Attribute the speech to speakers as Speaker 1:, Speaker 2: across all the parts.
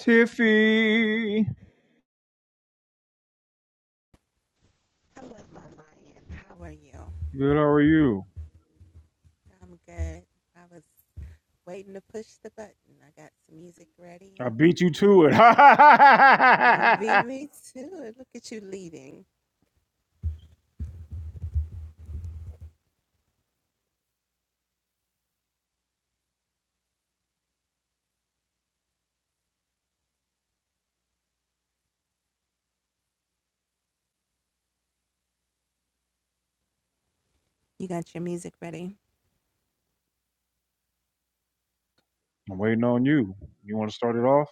Speaker 1: Tiffy, good how are you? I beat you to it. I'm waiting on you. You want to start it off?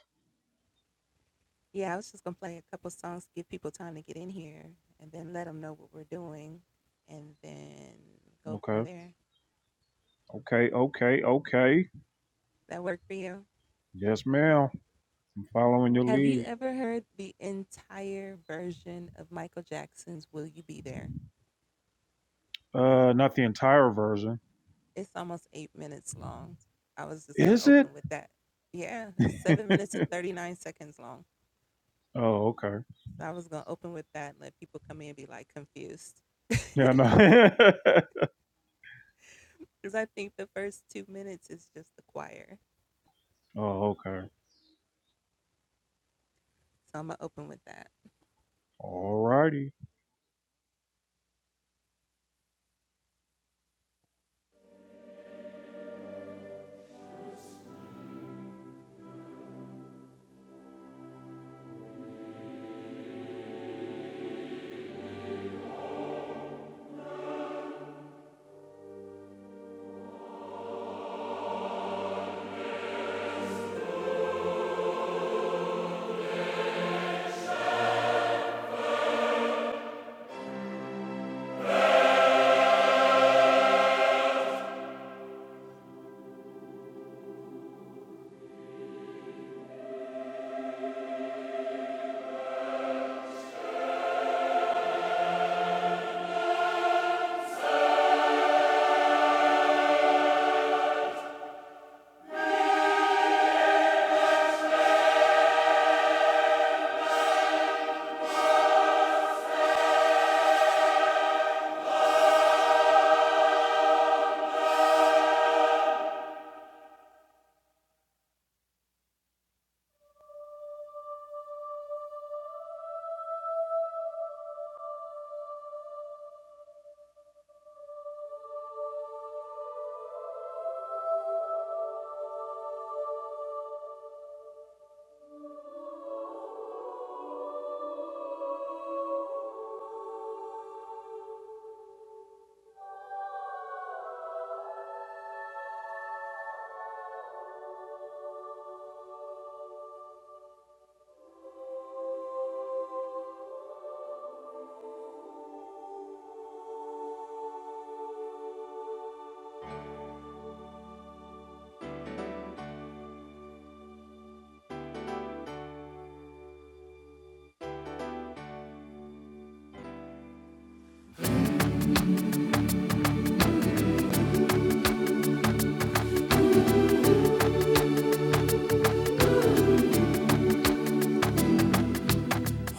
Speaker 1: Okay. Okay. Okay. Okay. Yes, ma'am. I'm following your lead. Uh, not the entire version. Is it? oh, okay. Yeah, no. oh, okay. Alrighty.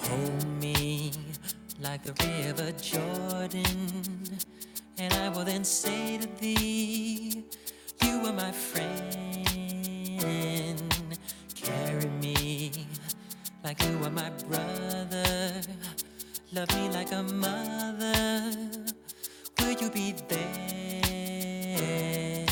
Speaker 2: Hold me like the river Jordan, and I will then say to thee, You are my friend. Carry me like you are my brother. Love me like a mother. Will you be there?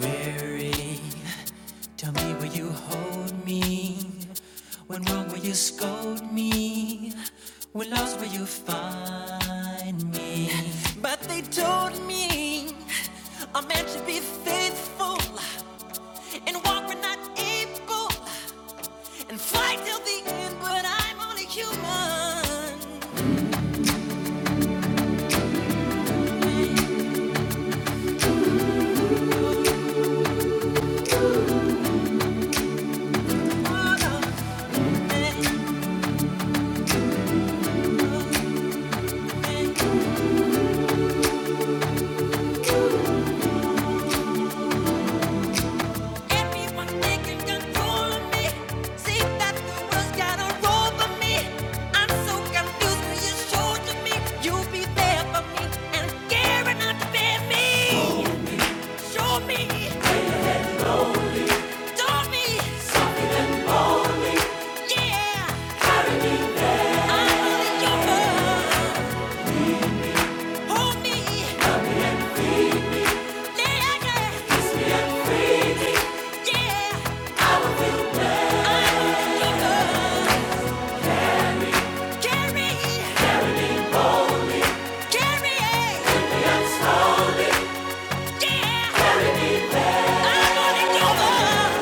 Speaker 2: Weary Tell me will you hold me? When wrong will you scold me? When lost will you find me? But they told me a man should be faithful and walk when not able and fight till the end. But I'm only human. Carry, carry, yeah, I'm gonna give up.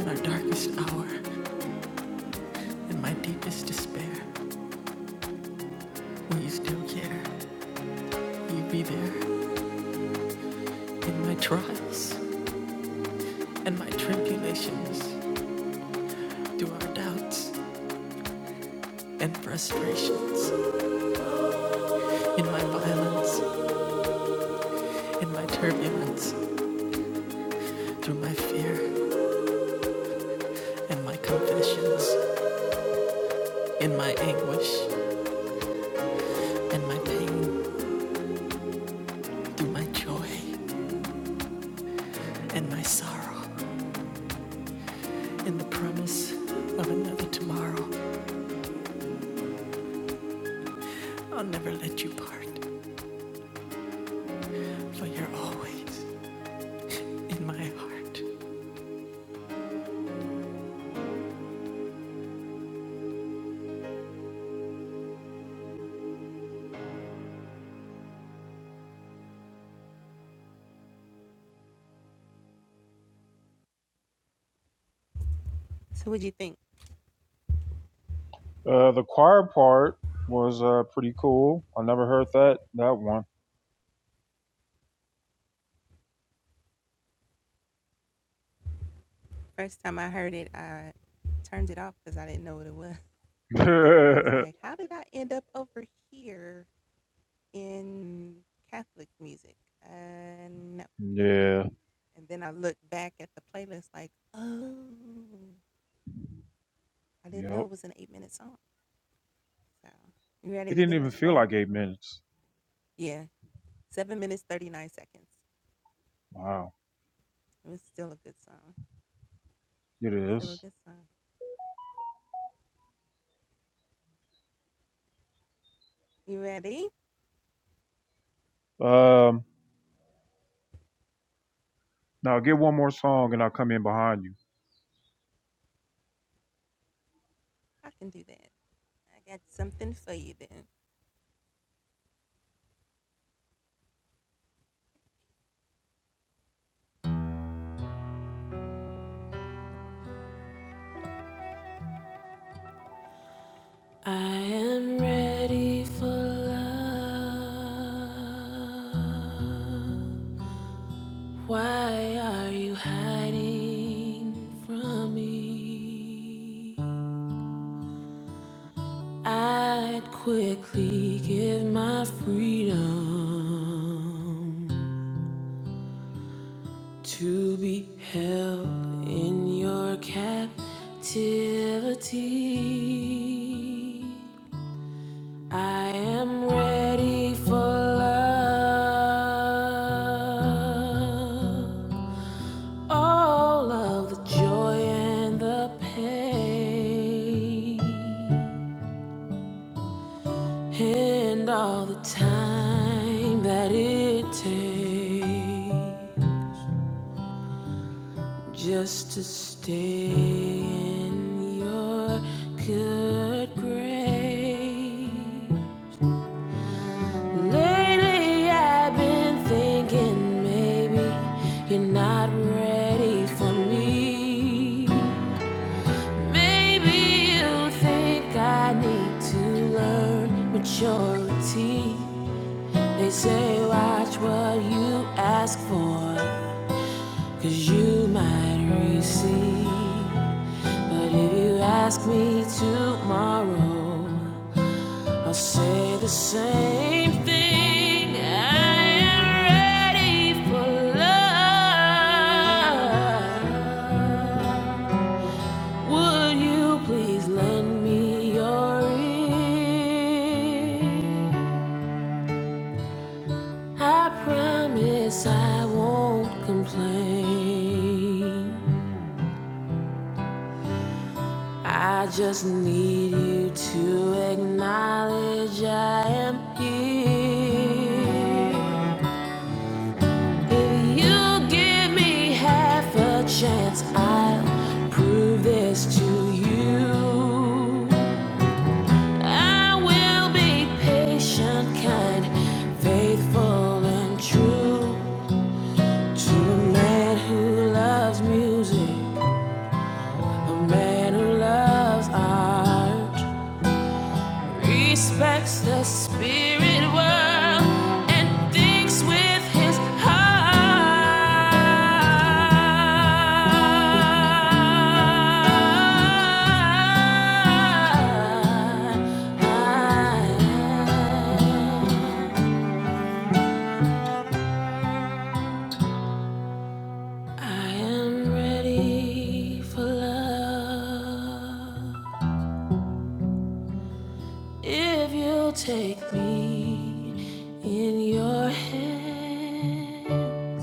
Speaker 2: In our darkest hour, in my deepest despair, will you still care? Will you be there? In my trials and my tribulations, through our doubts and frustrations, in my violence, in my turbulence, through my fear and my confessions, in my anguish and my pain, through my joy and my sorrow, in the promise of another tomorrow, I'll never let you part, for you're always in my heart.
Speaker 1: Uh, the choir part was uh pretty cool. I never heard that that one. yeah. Yep. It didn't even feel like eight minutes. Wow, it is. Um, now get one more song and I'll come in behind you.
Speaker 2: I am ready for love. Why are you hiding from me? I'd quickly give my freedom to be held in your captivity. I am ready for love. All of the joy and the pain, and all the time that it takes in your good grace. Lately, I've been thinking maybe you're not ready for me. Maybe you think I need to learn maturity. They say, watch what you ask for, 'cause you might receive. But if you ask me tomorrow, I'll say the same thing. I am ready for love. Would you please lend me your ear? I promise I won't complain. I just need you to acknowledge I am here. If you give me half a chance, I'll prove this to you. I will be patient, kind, faithful, and true to a man who loves music, a man who loves art, respects the spirit world, and thinks with his heart. I am ready for love. If you'll take me in your hand,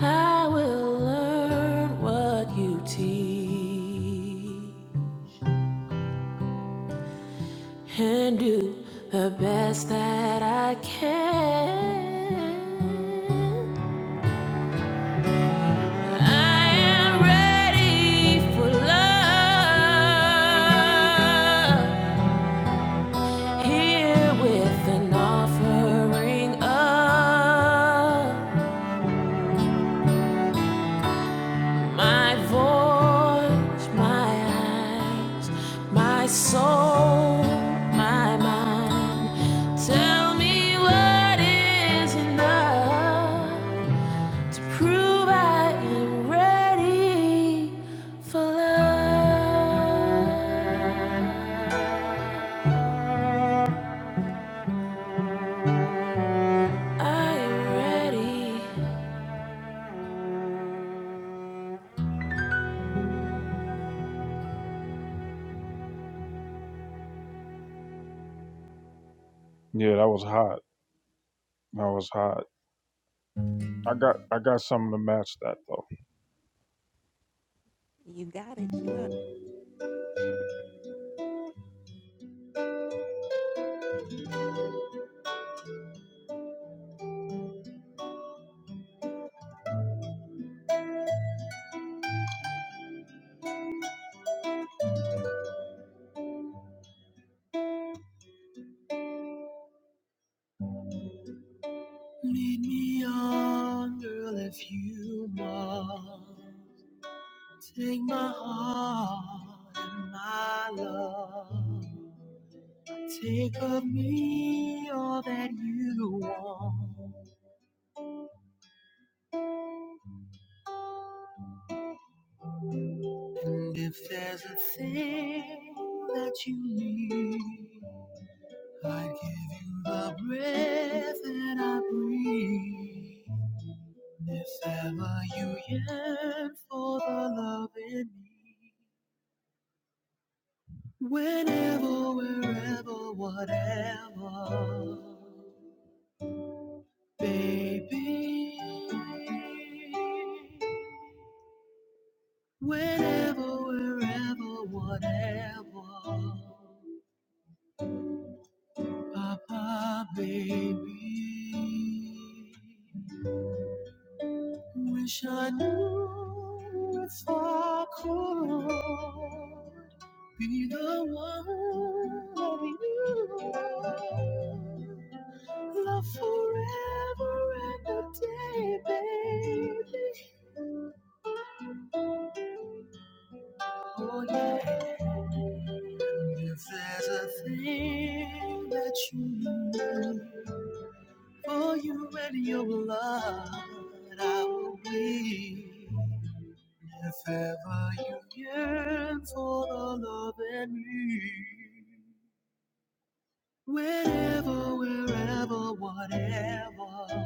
Speaker 2: I will learn what you teach and do the best that I can. I am ready for love. Here with an offering of my voice, my eyes, my soul, my mind. Tell me what is enough to prove I am ready for love.
Speaker 1: Yeah, that was hot. That was hot. I got I got something to match that though. Take my heart and my love. Take of me all that you want. And if there's a thing that you need, I give you the breath that I breathe. If ever you yearn for the love in me, whenever, wherever, whatever, baby. Whenever, wherever, whatever, Papa, baby. Wish I knew if I could be the one that you love forever and a day, baby. Oh yeah. If there's a thing that you need. For you and your blood, I will be. If ever you yearn for the love in me, whenever, wherever, whatever,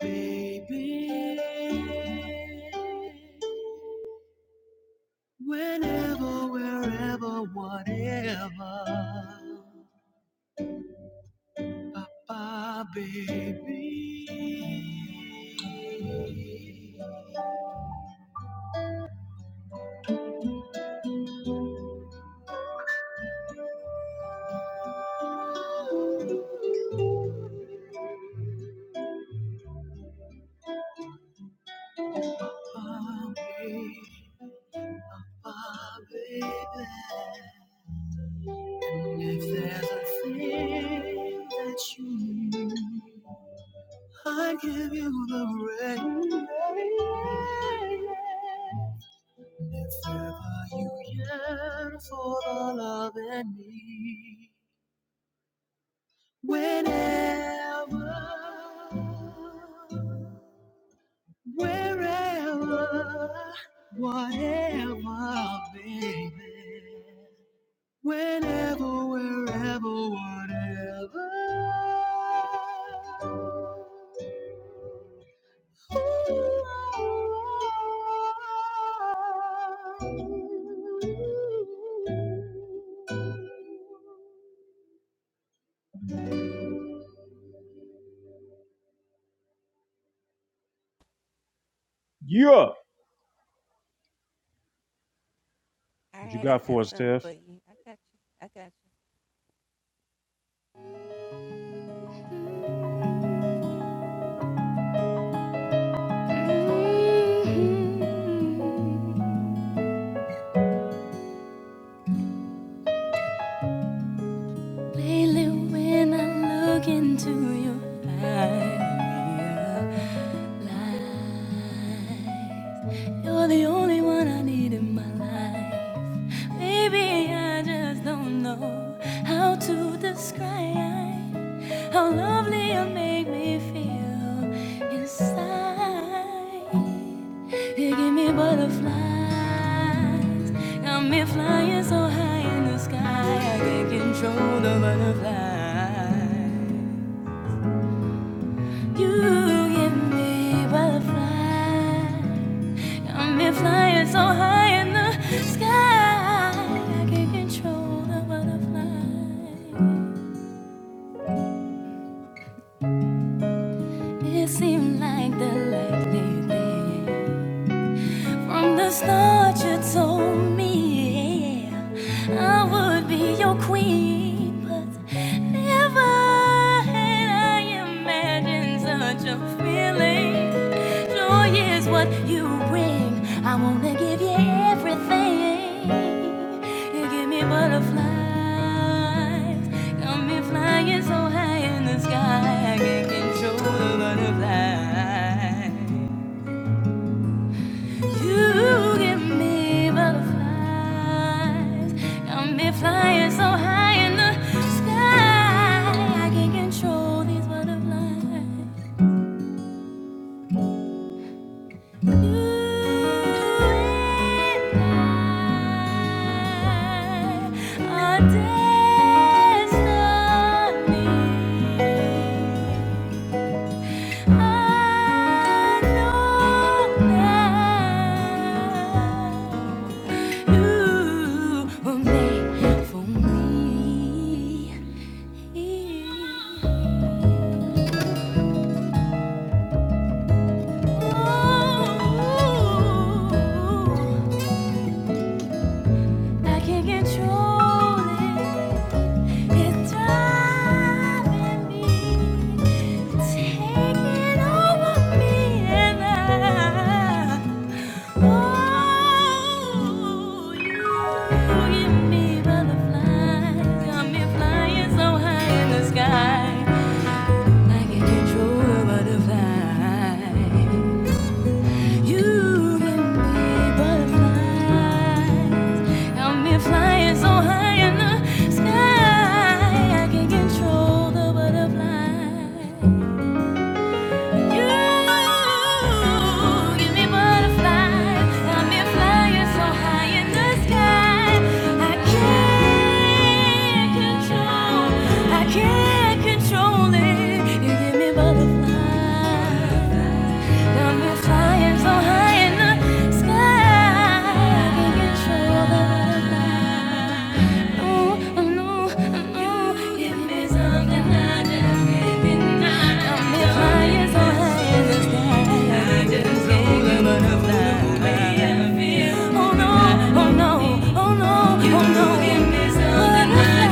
Speaker 1: baby. Whenever, wherever, whatever, papa, baby. My my baby, my baby. If there's a thing that you need, I give you the reins. If ever you yearn for the love in me, whenever. Wherever, whatever, baby. Whenever, wherever, whatever. Yeah. What you got for us, Tiff?
Speaker 2: You're the only one I need in my Baby, I just don't know how to describe how lovely you make me feel inside. You give me butterflies, got me flying. You give me butterflies, got me flying so high in the sky. I can't control the butterflies. It seems like the lightning. From the start, you told me yeah, I would be your queen, but never had I imagined such a feeling. Joy is what you bring. I wanna give you everything. You give me butterflies, got me flying so high in the sky I can't control the butterflies. You give me butterflies, got me flying so high in the sky. I can't control these butterflies. You and I are destiny. I can't control it. It's driving me. Flying so high in the sky, I can control the butterflies. Can't control it. You give me butterflies. Got me flying so high in the sky. We control the vibe. Ooh, ooh, ooh, give me something I just can't deny. Got me flying so high in the sky. Oh no, oh no, oh no, oh no. Give me something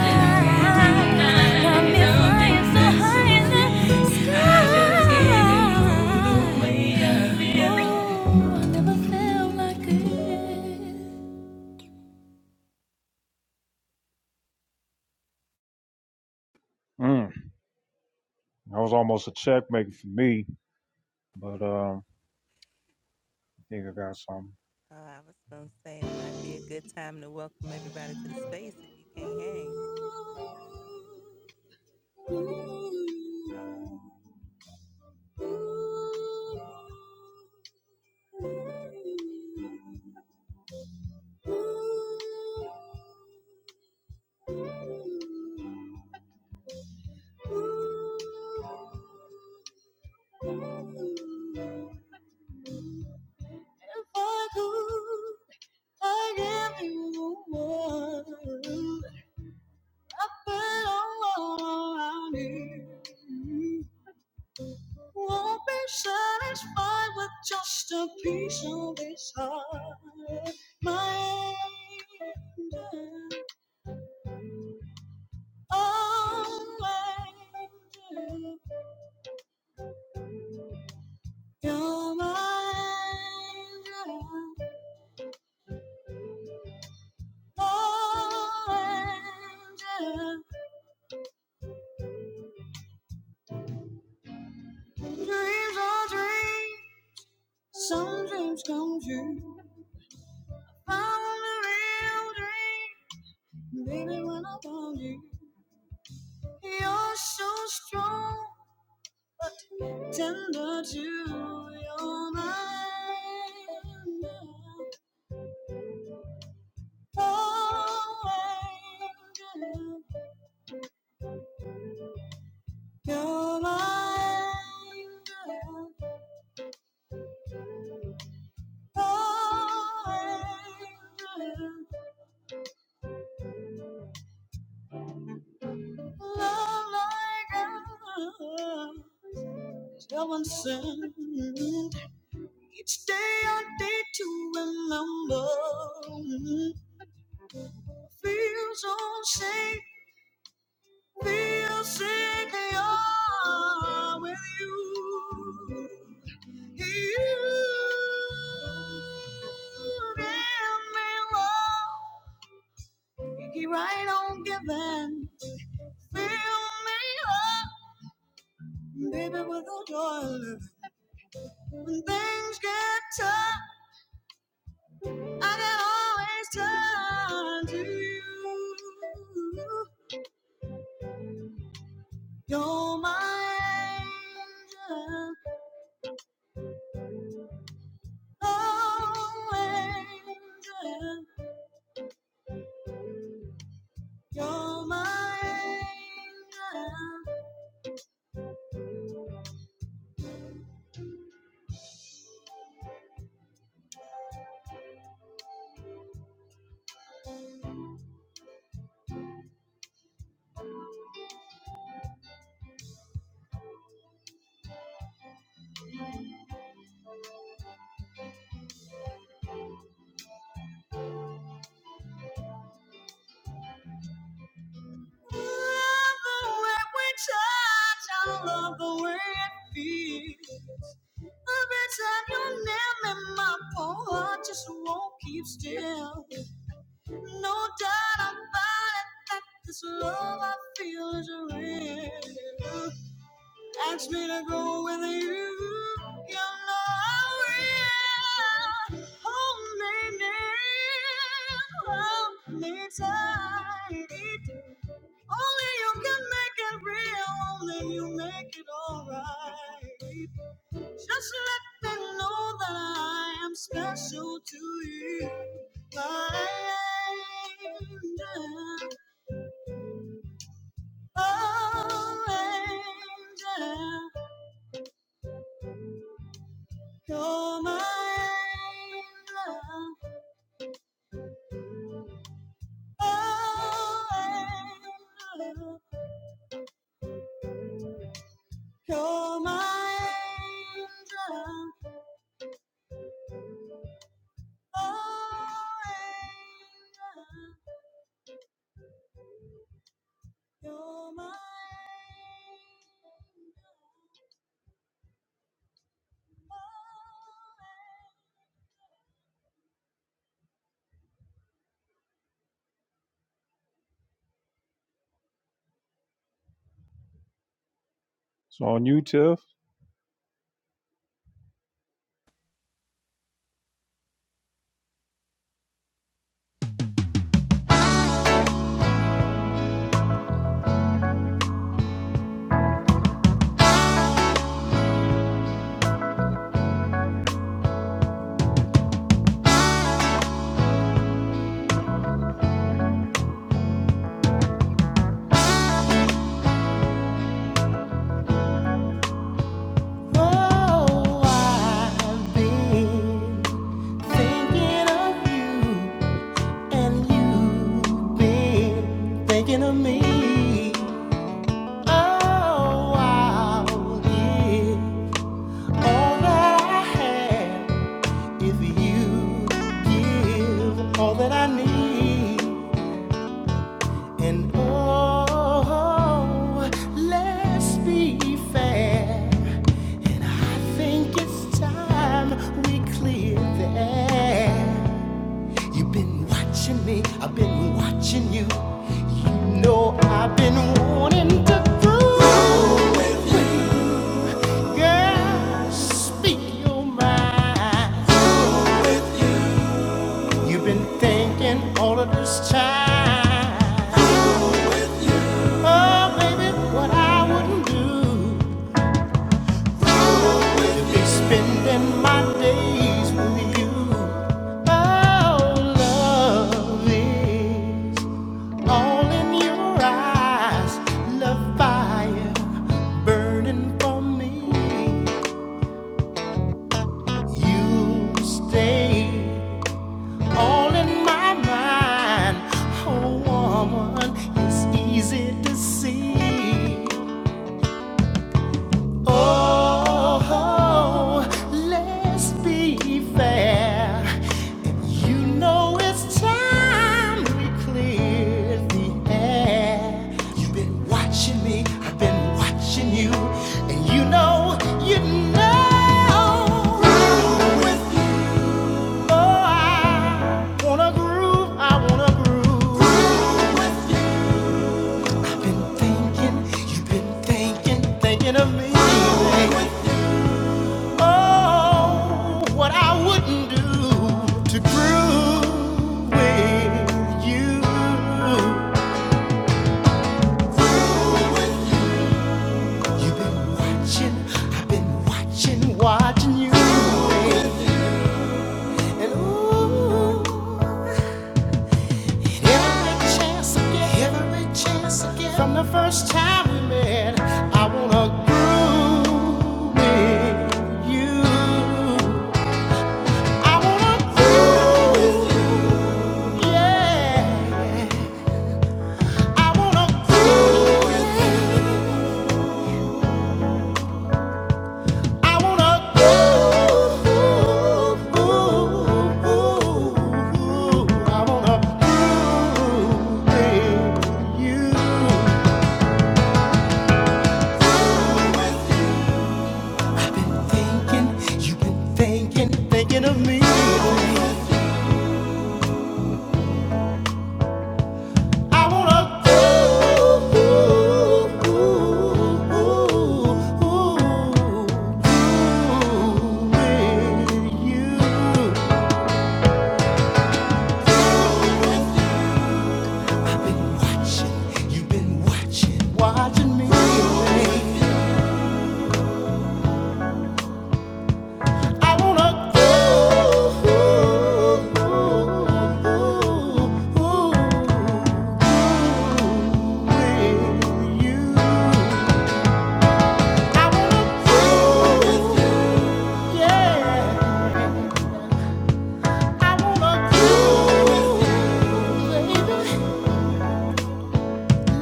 Speaker 2: higher, me flying so high in the sky. Oh, like
Speaker 1: Mm. That was almost a checkmate for me, but um, I think I got something. If I could, I give you the world. I put all I need. Won't be satisfied with just a piece of this heart. My angel, oh my angel, you're my angel, oh angel. Dreams are dreams, some dreams come true. I want a real dream, baby, when I found you. You're so strong. tender to your mind. Oh, angel, you're my angel. Oh, angel, love like a no one sent. Each day a day to remember. Feel so safe Feel sick, I'm with you. You give me love. You keep right on giving. Fill me up, baby, with your joy. When things get tough, I can always turn to you. You're my angel. Oh, angel, you're my angel. Love the way we touch, I love the way it feels. Every time you're near me, my poor heart just won't keep still. No doubt about it that this love I feel is real. Ask me to go with you. You know I will. Hold me, near, hold me tight. Only you can make it real. Only you make it alright. Just let me know that I am special to you, my angel, oh angel. You're my angel. Oh, angel. You're my angel. Oh, angel. You're my angel. It's on you, Tiff.
Speaker 2: Oh, I will give all that I have if you give all that I need. And oh, let's be fair. And I think it's time we clear the air. You've been watching me, I've been watching you. You know I've been wanting to prove with girl. Speak your mind. You've been thinking all of this time. Oh, baby, what I wouldn't do. Will be spending my days with you. Oh, love is all in your eyes. Love fire burning for me. You stay all in my mind. Oh, woman, it's easy to see. Oh, oh, let's be fair. you know it's time we clear the air. You've been watching me, I've been watching you, and you know, you know. With I wanna groove, I wanna groove. I've been thinking, you've been thinking, thinking of me. Oh, what I wouldn't do to groove with you. You've been watching, I've been watching, watching you. And ooh, every chance I get, every chance I get, from the first time we met, I wanna groove with you. I wanna groove, yeah. I wanna groove. I wanna groove. with you. Thinking you've been thinking, thinking of me. I wanna groove with you. Watching me. I wanna go with you. I wanna go, baby.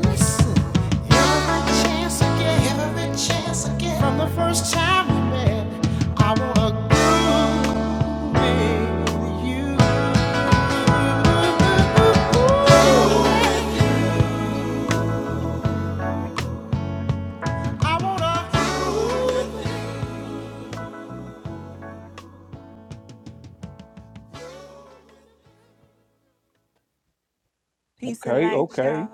Speaker 2: Listen, every chance I get, every chance I get, from the first time we met, I wanna groove with you. I wanna go.
Speaker 1: Okay, okay.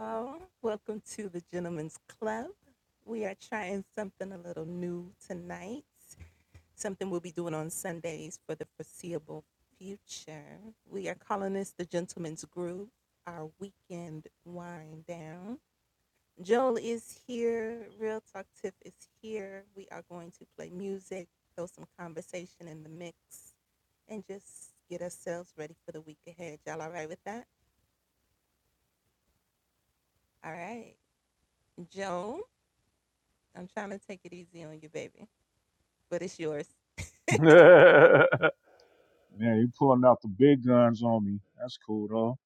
Speaker 1: Man, you pulling out the big guns on me. That's cool, though.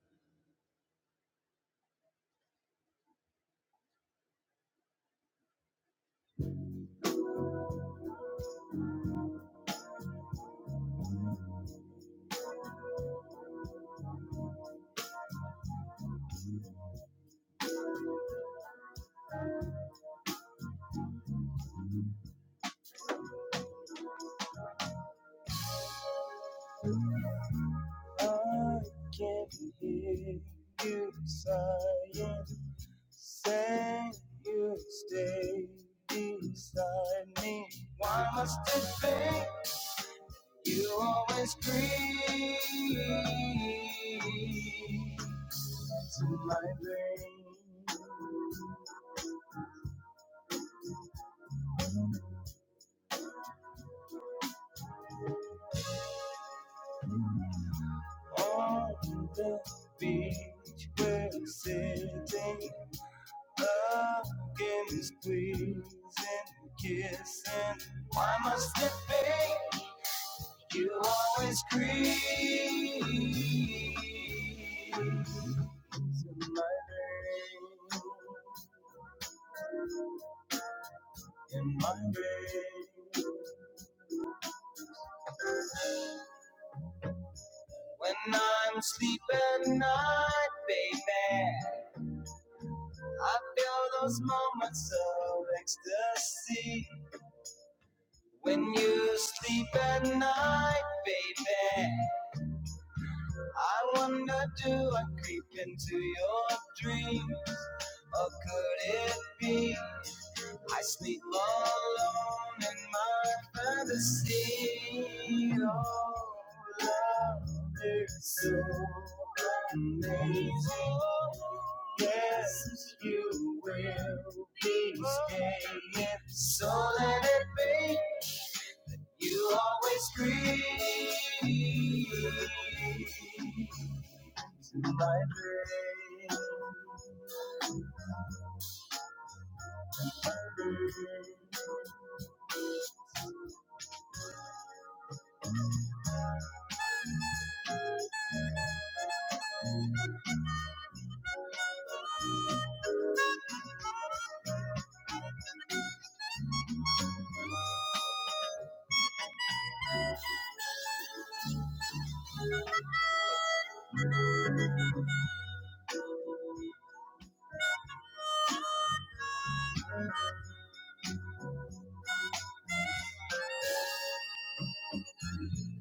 Speaker 1: I can hear you sighing. Say you stay beside me. Why must it be you always creep to my veins? On the beach, we're sitting, hugging, squeezing, kissing. Why must it be? You always creep in my dream. When I'm asleep at night, baby, I feel those moments of ecstasy. When you sleep at night, baby, I wonder do I creep into your dreams? Or could it be? I sleep alone in my fantasy. Oh, love is so amazing. Yes, you will be staying. So let it be. You always greet my day.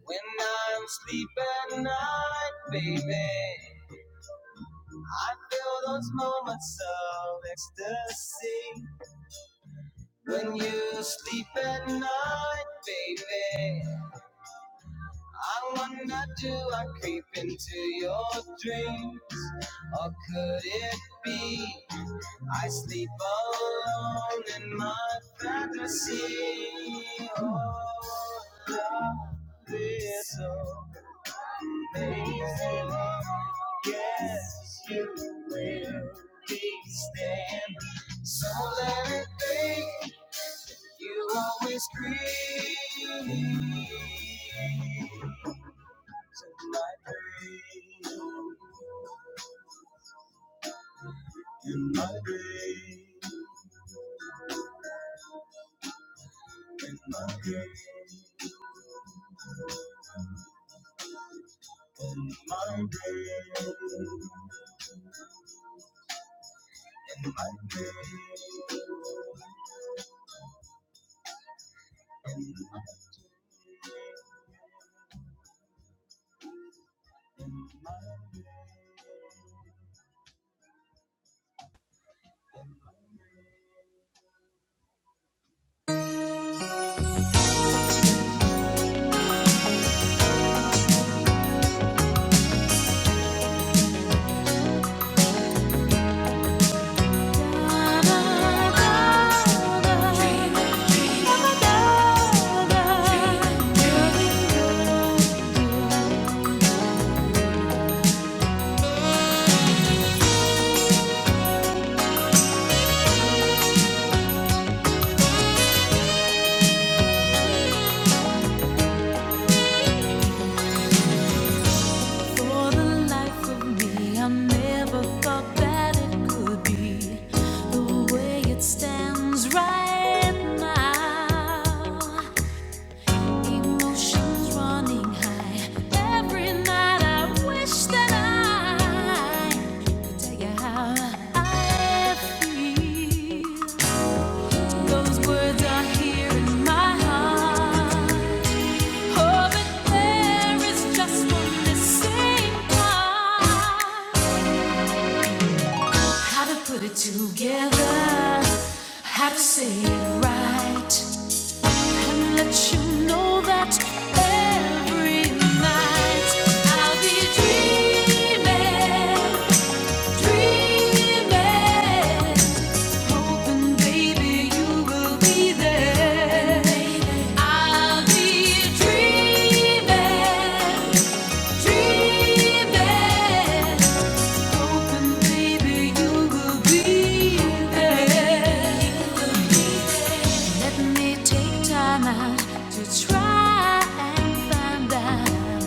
Speaker 1: When I'm sleeping at night, baby. I feel those moments of ecstasy when you sleep at night, baby. I wonder, do I creep into your dreams, or could it be I sleep alone in my fantasy? Oh, love is so. Yes, you will be stand. So let it be. You always grieve.
Speaker 2: For the life of me, I never thought that it could be the way it stands right now. Emotions running high. Every night I wish that I could tell you how I feel. Those words are here in my heart. Oh, but there is just one missing part. How to put it together, how to say it right, and let you know that every night I'll be dreaming, dreaming. Hoping, baby, you will be there. I'll be dreaming, dreaming. Hoping, baby, you will be there. Let me take time out to try and find out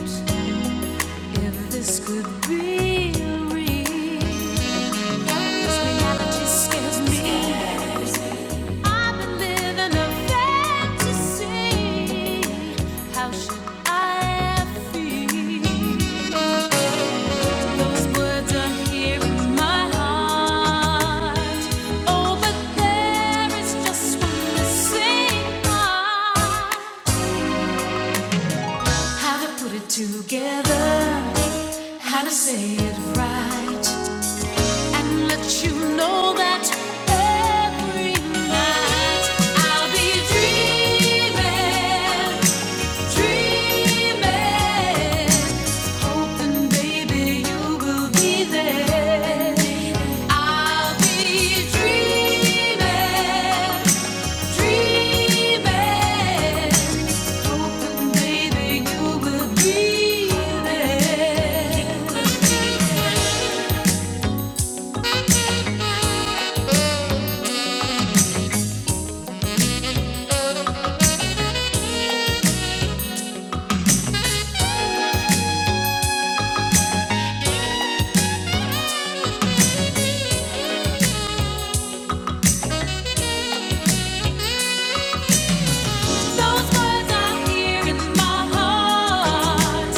Speaker 2: if this could be real. This reality scares me. I've been living a fantasy. How should I feel? Those words are here in my heart. Oh, but there is just one missing part. How to put it together? How to say it right? and let you know that every night I'll be dreaming, dreaming, hoping, baby, you will be there. I'll be dreaming, dreaming, hoping, baby, you will be there. Those words are here in my heart,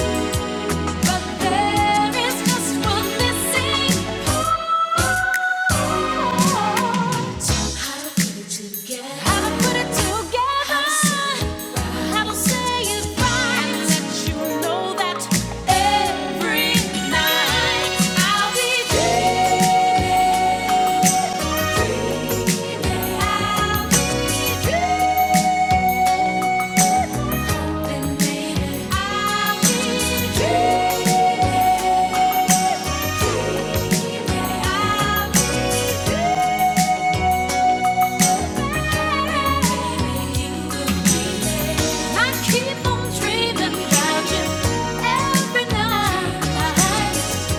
Speaker 2: but there is just one missing part. How to put it together? How to put it together? How to say it right? let you know that every night I'll be dreaming, I'll be dreaming. Keep on dreaming you every night.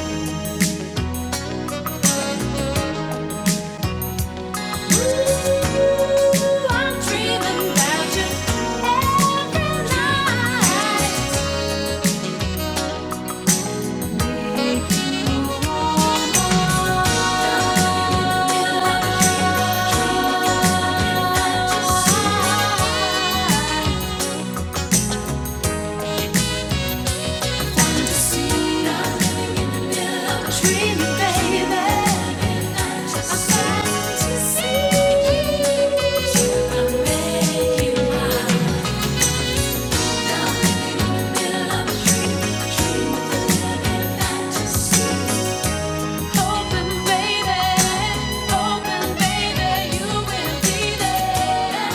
Speaker 2: Ooh, I'm dreaming you every night. Fantasy. Open, baby. Open, baby. You will be there.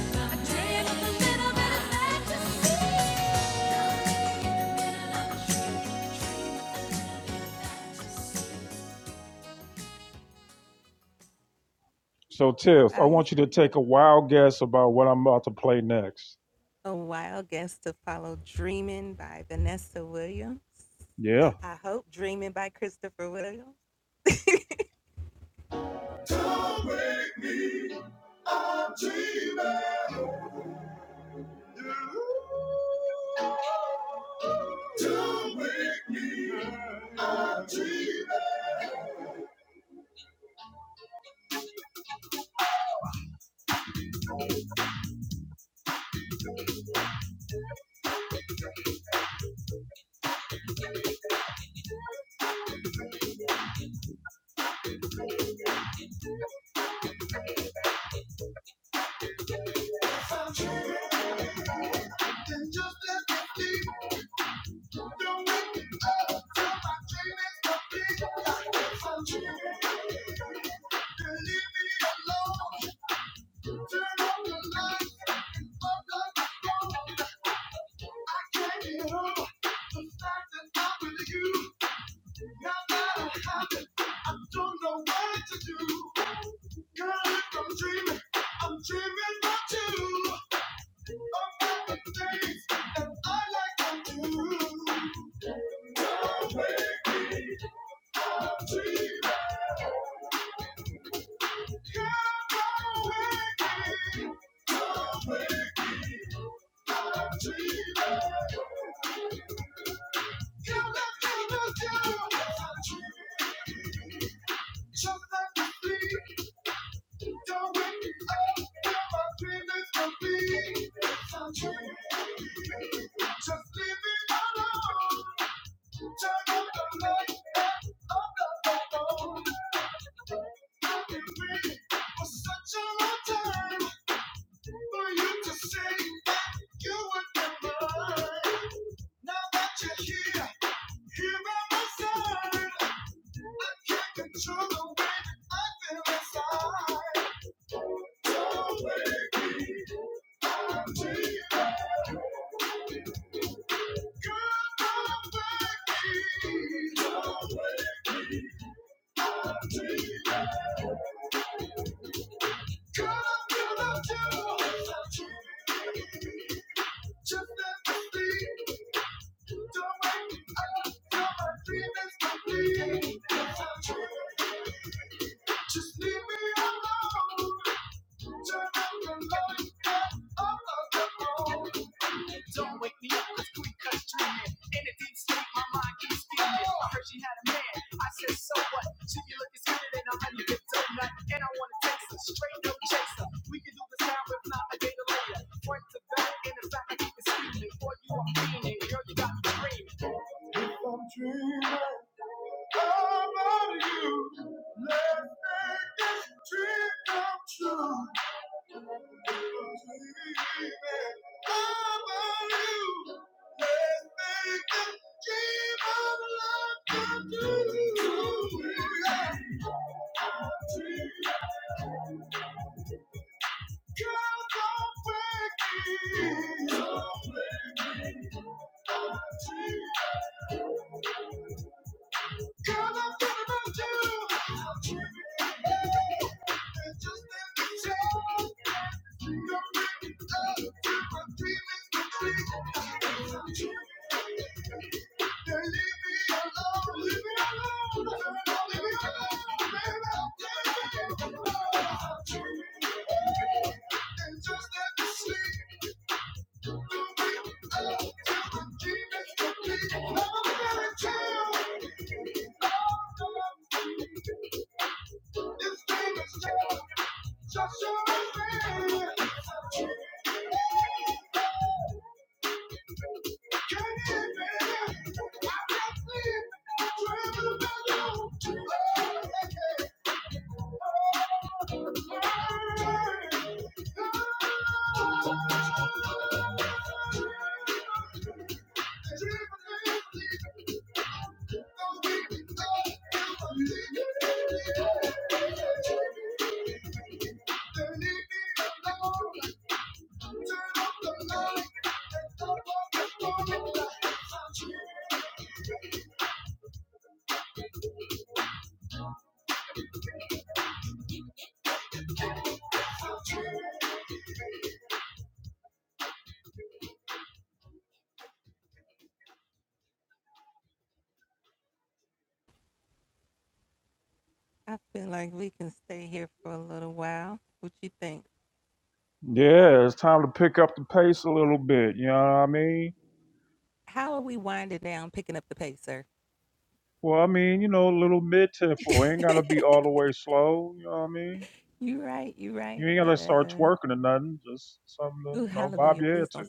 Speaker 2: In the middle of a dream, dream of a of a dream, a dream of a little bit of Middle of a dream, dream
Speaker 1: So, Tiff, I want you to take a wild guess about what I'm about to play next. Yeah. Don't make me. I'm dreaming. Don't make me a dreamer. I'm dreaming. And just as empty. Don't wake me up till my dream is complete. I'm dreaming. Then leave me alone. Turn on the lights. But like I don't, I can't get over the fact that I'm with you. No matter how, happens, I don't know what to do. Girl, if I'm dreaming, I'm dreaming about you. About the things that I like to do. Don't wake me, I'm dreaming. Girl, don't wake me, don't wake me, I'm dreaming. You let me lose you, I'm dreaming. Just let me sleep. Just leave me alone. Turn up the light of the phone. I've been waiting such a long time for you to say you would be mine. Now that you're here do am I surrounded. I can't make me. way I feel inside. Don't make me until Thank you. Just leave me alone. Turn out the light. I'm the alone. Don't wake me up, cause quick cuts dreaming. In a deep sleep, my mind keeps beaming. I heard she had a man. I said, so what? She be looking sweeter than a honey dip donut. And I wanna taste her, straight no chaser. We can do this now, if not, a day to later. Front to back, in the back, I keep it steaming. Boy, you are, girl, you got me. I'm dreaming about you. Let's make this dream come true. Thank you. Just let me sleep. Thank you. This game is just just your name. Thank you. Yeah, it's time to pick up the pace a little bit. You know what I mean? Well, I mean, you know, a little mid tempo. Ain't gotta be all the way slow. You know what I mean? You ain't gotta start twerking or nothing. Just something to, you know, bob your head to.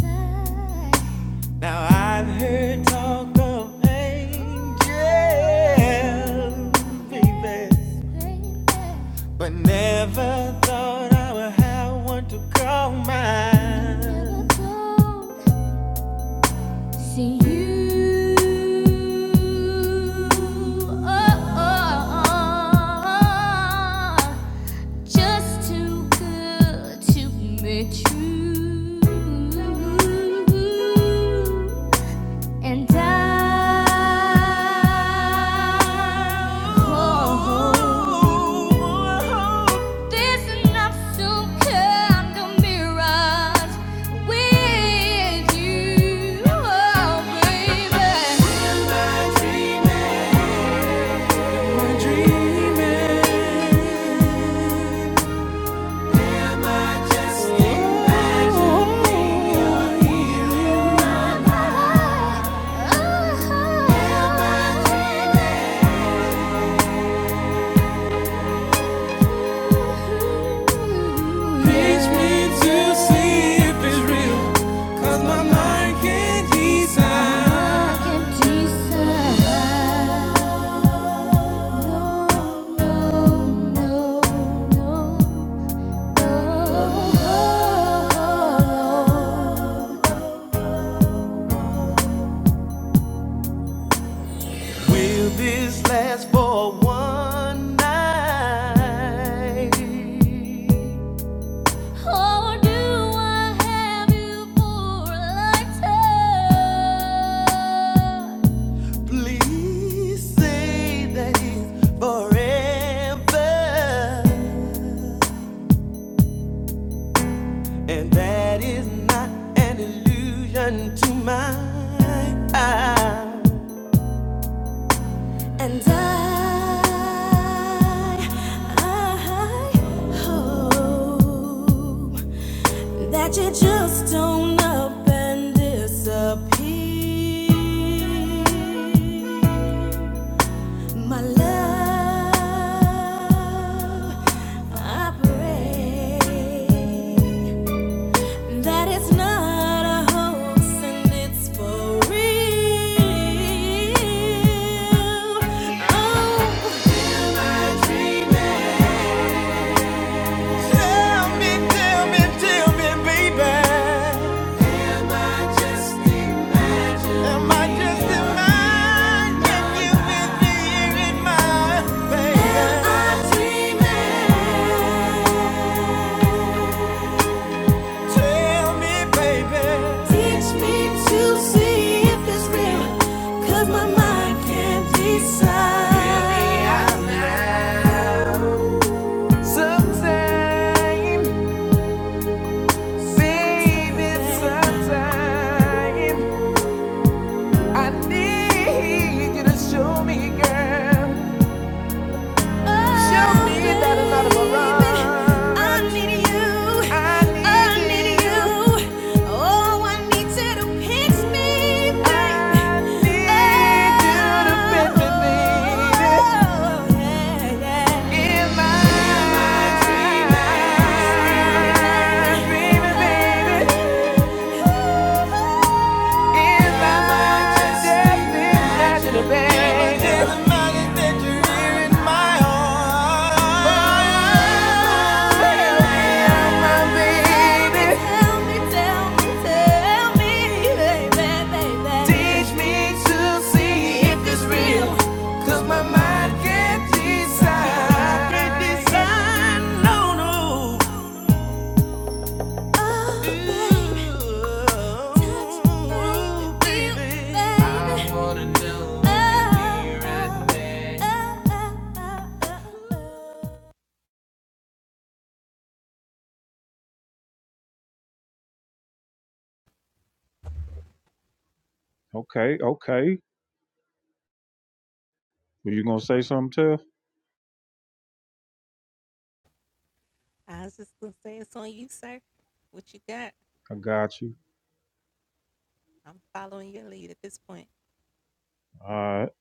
Speaker 2: inside, baby, never go. See you. Oh, oh, oh, just too good to be true. And I, oh, this is not some kind of mirage with you, oh, baby. Oh, oh, oh. Reach me Will this last for one night? Or do I have you for a lifetime? Please say that it's forever. And that is not an illusion to mine. And I, I hope that you just don't up and disappear. My love, I pray that it's not a hoax and it's for real. Oh, I dream.
Speaker 1: Okay, okay. Were you gonna say something, Tiff? I got you. All right.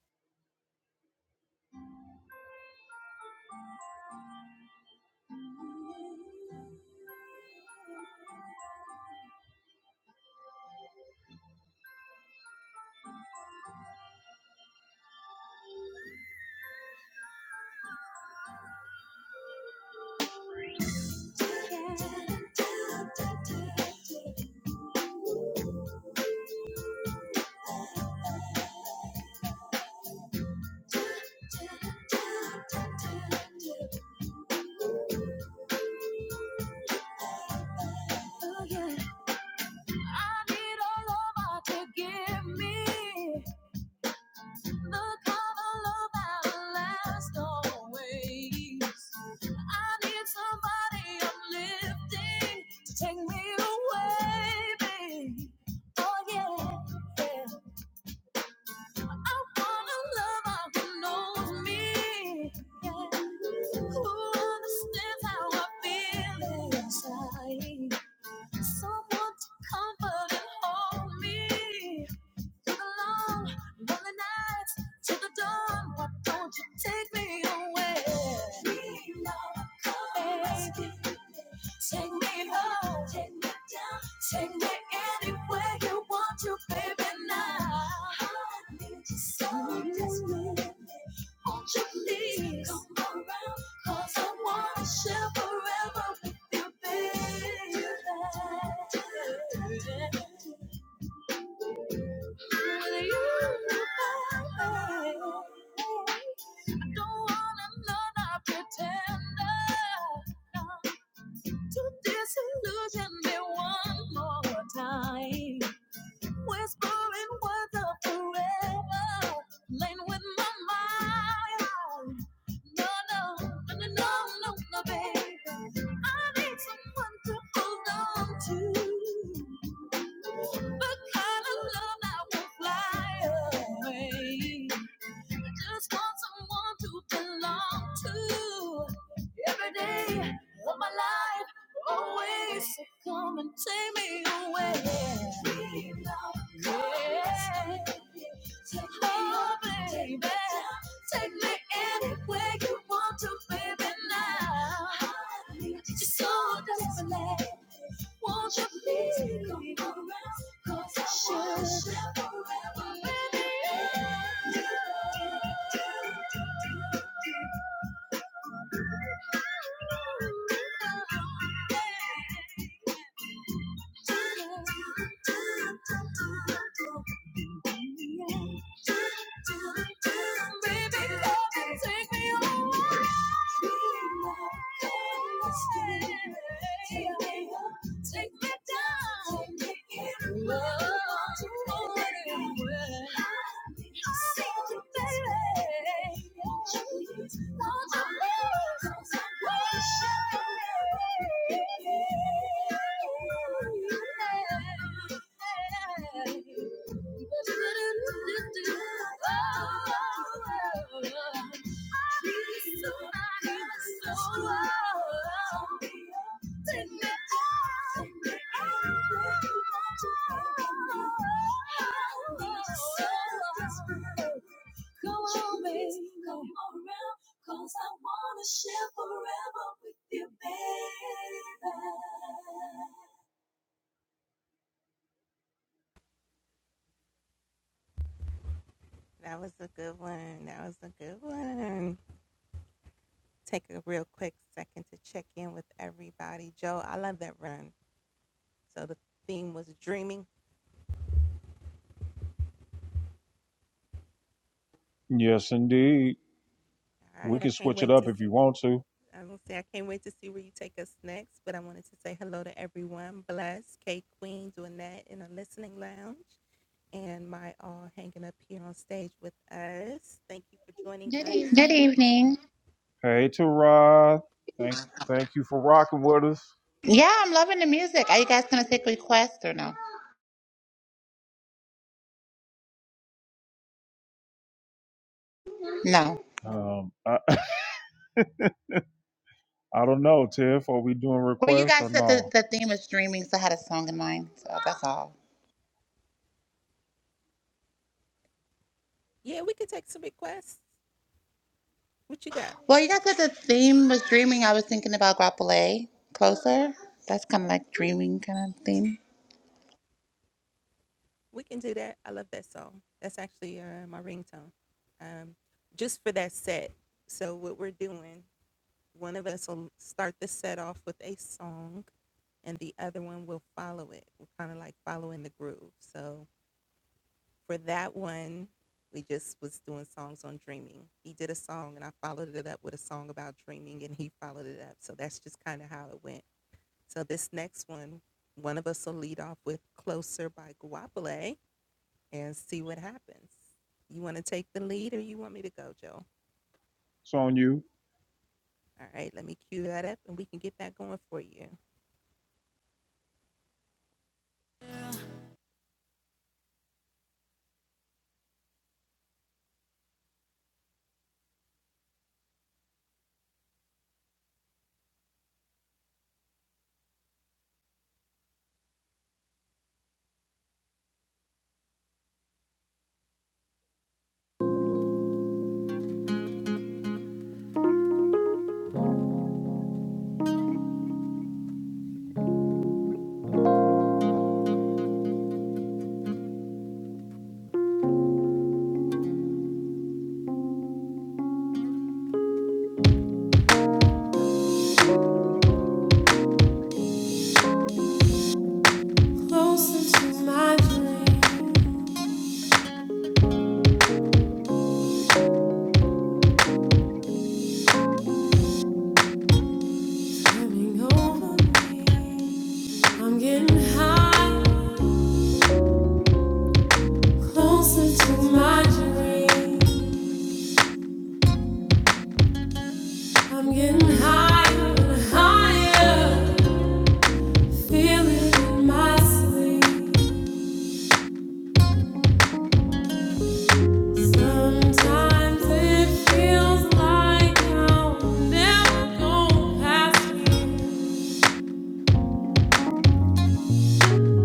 Speaker 1: I need somebody uplifting to take me away, babe. Oh yeah, yeah. I want a lover who knows me, yeah. who understands how I feel inside. Someone to comfort and hold me through the long, lonely nights till the dawn. Why don't you take me away? Dream on, come rescue me. Take me home, take me down, take me anywhere you want to, baby. Now I need you so desperately. Won't you please come around? 'Cause I wanna share forever with you, baby. Will you find me? don't want another pretender to disillusion me one more time whispering words of forever, playing with my mind. No, no, no, no, no, no, no, baby. I need someone to hold on to. The kind of love that will fly away. I just want someone to belong to. Every day of my life, always so come and take me away. We love yeah. Take me oh, up, baby. Take me anywhere you want to, baby, now. It's so desperate. Won't you please come around? Cause I want you forever, baby. Yeah. Baby, come and Take me home. Come on, baby. Come on around, cause I wanna share forever with you, baby. Yes, indeed. We can switch it up if you want to. Good evening.
Speaker 3: Good evening.
Speaker 1: Hey, Tara. Thank, thank you for rocking with us.
Speaker 3: Yeah, I'm loving the music. Are you guys gonna take requests or no? No.
Speaker 1: Um, I, I don't know, Tiff. Are we doing
Speaker 3: Well, you
Speaker 1: requests or
Speaker 3: guys said the,
Speaker 1: no?
Speaker 3: the theme was streaming, so I had a song in mind. So that's all. Well, you guys said the theme was dreaming. I was thinking about Grappole. Closer. That's kind of like dreaming kind of theme.
Speaker 1: It's on you.
Speaker 2: I'm getting high, closer to my dream. I'm getting higher and higher, feel it in my sleep. Sometimes it feels like I'll never go past me.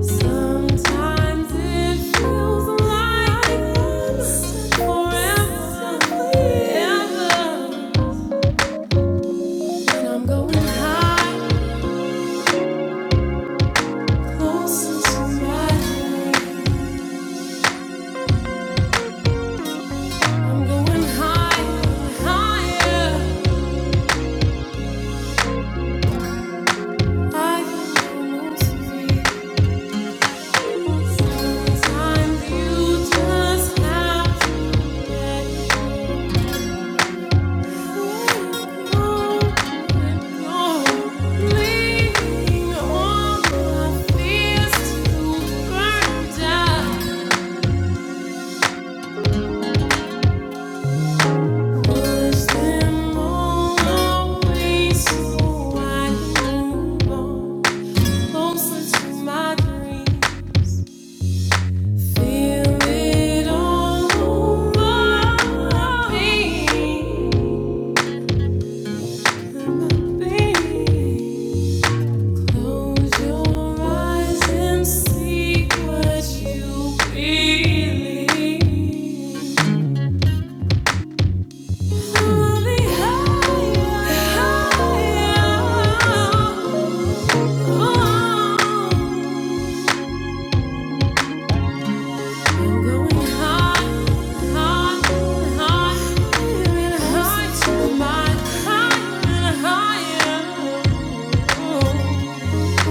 Speaker 2: Sometimes it feels like I'm forever, ever. And I'm going higher, closer to my. I'm going higher, higher. I can almost feel. Sometimes you just have to leaning on the fears to burn down, push them all away so I can go closer to my dreams. Feel it all over me. Close your eyes and see what you believe. Only higher, I'm going higher, higher, higher, higher, higher.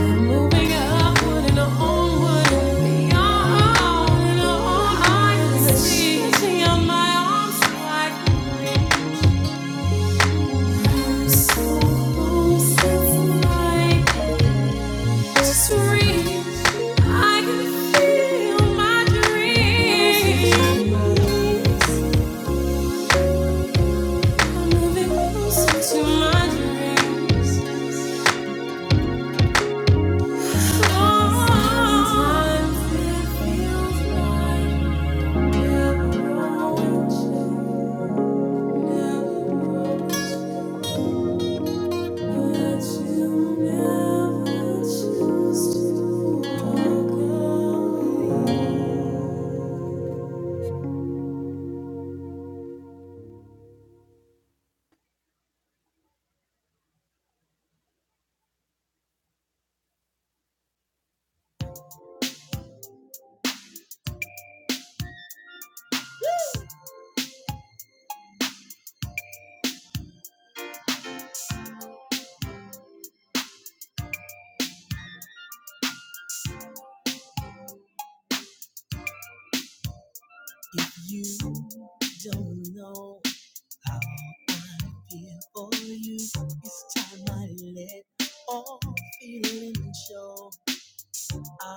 Speaker 2: Moving upward and onward and beyond and on. I see on my arms like rings. So close, it's like it's real. I can feel my dreams. Moving closer to my dreams. Sometimes it feels like What's
Speaker 1: If you don't know how I feel for you, it's time I let all feeling show. I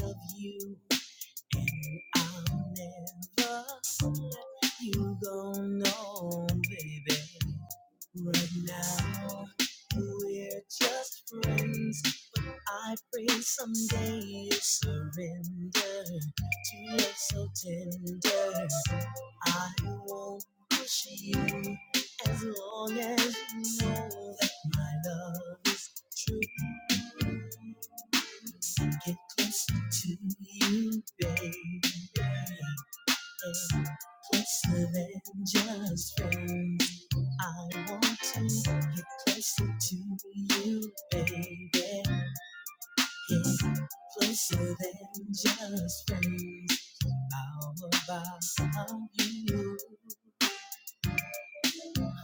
Speaker 1: love you and I'll never let you go, no, baby. Right now, we're just friends. I pray someday you surrender to love so tender. I won't push you as long as you know that my love is true. Get closer to you, baby. Closer than just friends. I want to get closer to you, baby. It's closer than just friends. How about you?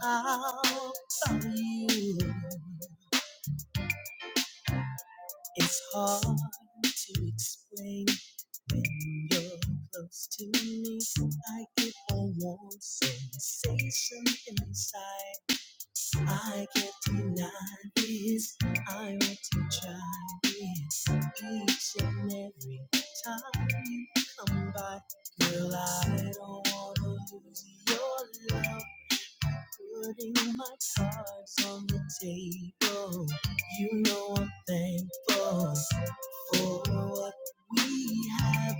Speaker 1: How about you? It's hard to explain when you're close to me. So I get a warm sensation inside. I can't deny this. I want to try this each and every time you come by. Girl, I don't wanna lose your love. Putting my cards on the table. You know I'm thankful for what we have.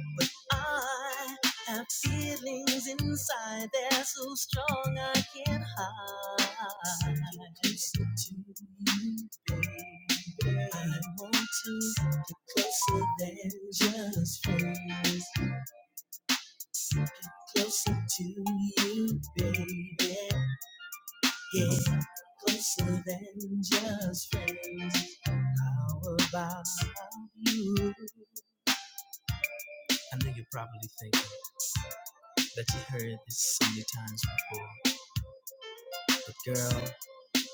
Speaker 1: I have feelings inside, they're so strong I can't hide. Closer to you, baby. I want to get closer than just friends. Get Closer to you, baby. Yeah, closer than just friends. How about you? I know you're probably thinking that you heard this so many times before, but girl.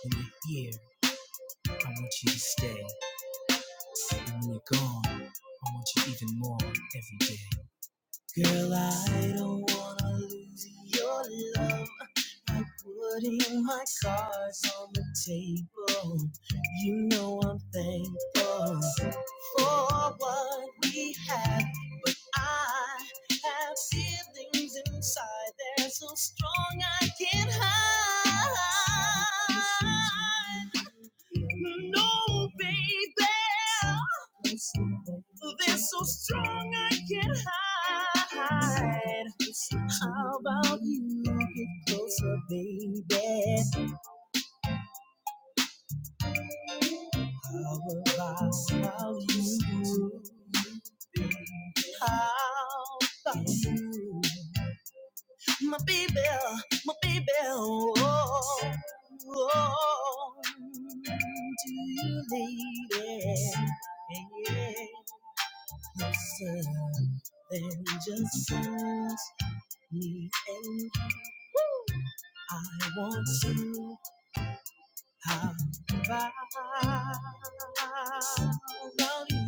Speaker 1: When you're here, I want you to stay. And when you're gone, I want you even more every day. Girl, I don't wanna lose your love. I putting my cards on the table. You know I'm thankful for what we have. I have feelings inside. They're so strong I can't hide. No, baby, they're so strong I can't hide. How about you get closer, baby? How about, about you? How about you? My baby, my baby, oh, oh, do you, lady? Yeah. yeah. Then just sends me and I want to have about you.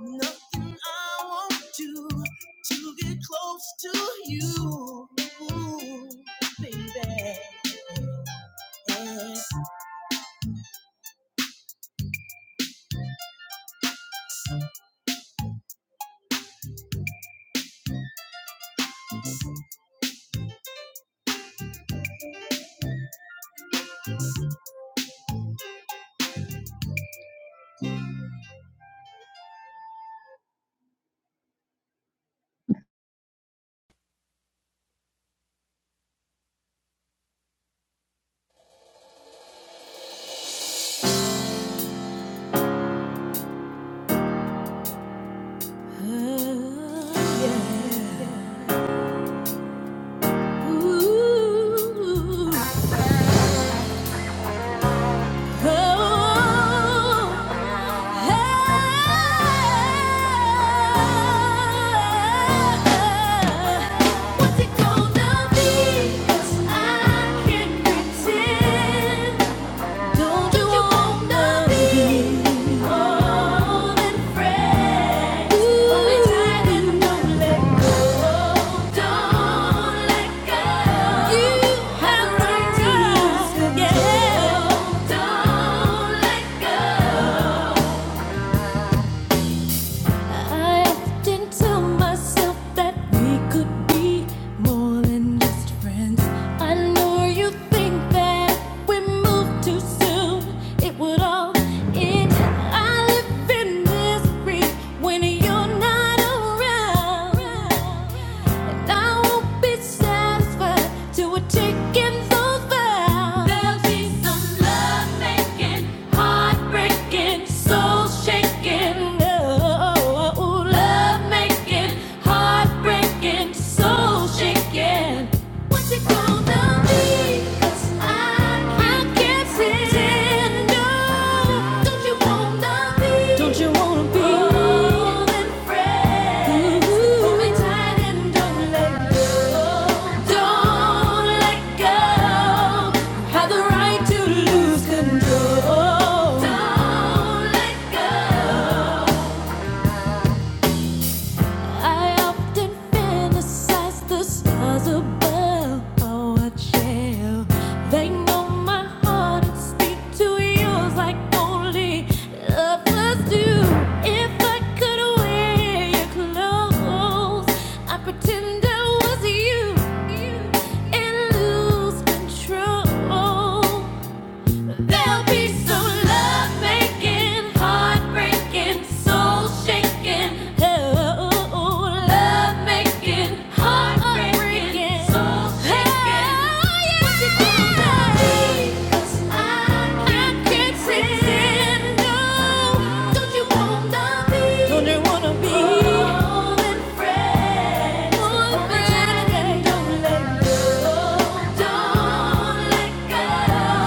Speaker 1: Nothing I won't do to get close to you, baby. I
Speaker 2: it gonna be? 'Cause I can't pretend. Don't you wanna be more than friends? Hold me tight and don't let go. Don't let go. You have the right to yeah. Don't let go. I often tell myself that we could be more than just friends. I know you think that we moved too soon, it would all end. I live in misery when you're not around, and I won't be satisfied till we're taking those vows. There'll be some love making, heartbreaking, soul shaking. Oh oh, love making, heartbreaking, soul shaking. What you gonna be? 'Cause I, can't pretend. No, don't you wanna be? Don't you wanna be more than friends? Hold me tight and don't let go. Don't let go. Have the right to lose control. Don't let go. I often fantasize the stars above how I They know my heart and speak to yours like only lovers do. If I could wear your clothes, I pretend I was you, you and lose control. There'll be some love making, heartbreaking, soul shaking. Oh, love making, heartbreaking, soul shaking. Oh, yeah. What do? 'Cause I can't pretend. No. Don't you wanna be Don't you wanna be? One day, don't let go, don't let go.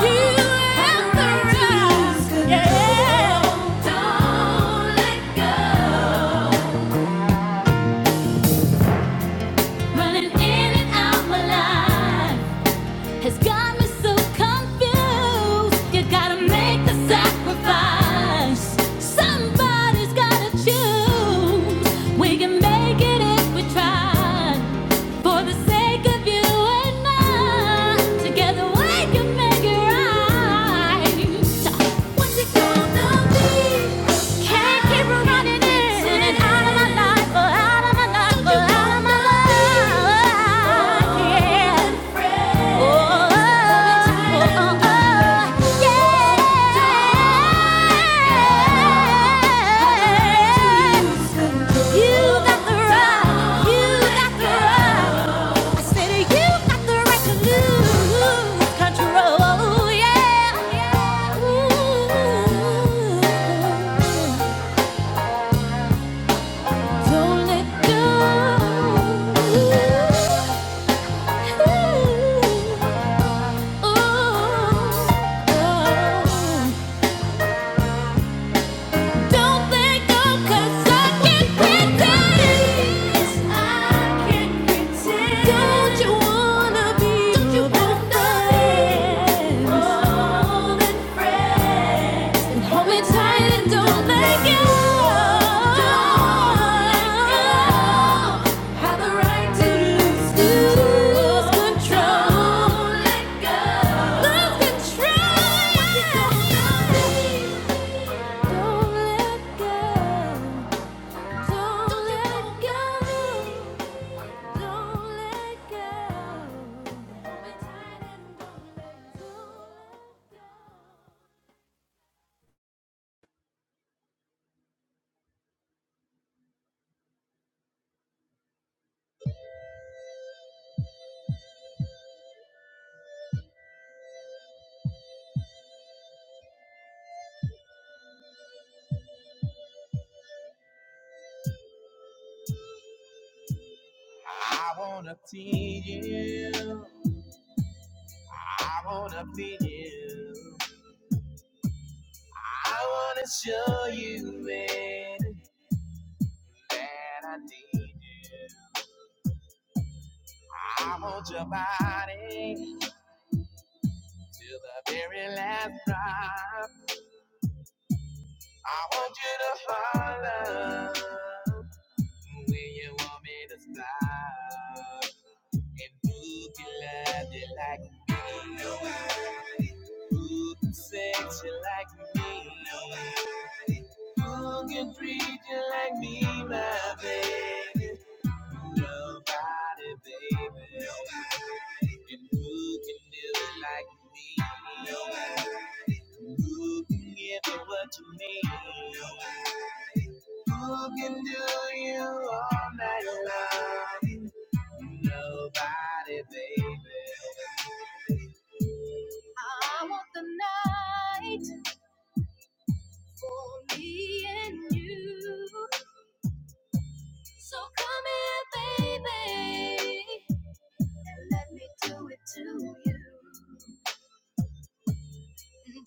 Speaker 2: You Have the the right. right to Yeah. don't let go. Running in and out my life. has got me so confused. You gotta make the sacrifice. Somebody's gotta choose. We can make it if we try. For the sake of you and I, together we can make it right. What's it gonna be? Can't keep running in and out of my life, out of my life, out of my life. Yeah. Oh, oh, oh. Don't let go. Don't let go, 'cause I can pretend. I can pretend. Don't you wanna be your best friend? More than friends. And hold me tight and don't let go. Don't let go. Have the right to lose, lose control. Let go. Lose control. Don't let go. Don't let go. Don't let go.
Speaker 1: wanna please you. I wanna please you. I wanna show you, man, that I need you. I want your body till the very last drop. I want you to follow when you want me to stop. And who can love you like me? Nobody. Who can sex you like me? Nobody. Who can treat you like me, my baby? Nobody, baby. Nobody. And who can do it like me? Nobody. Who can give you what you need? Nobody. Who can do you all night long? Nobody, baby. Nobody. I want the night for me and you. So come here, baby, and let me do it to you.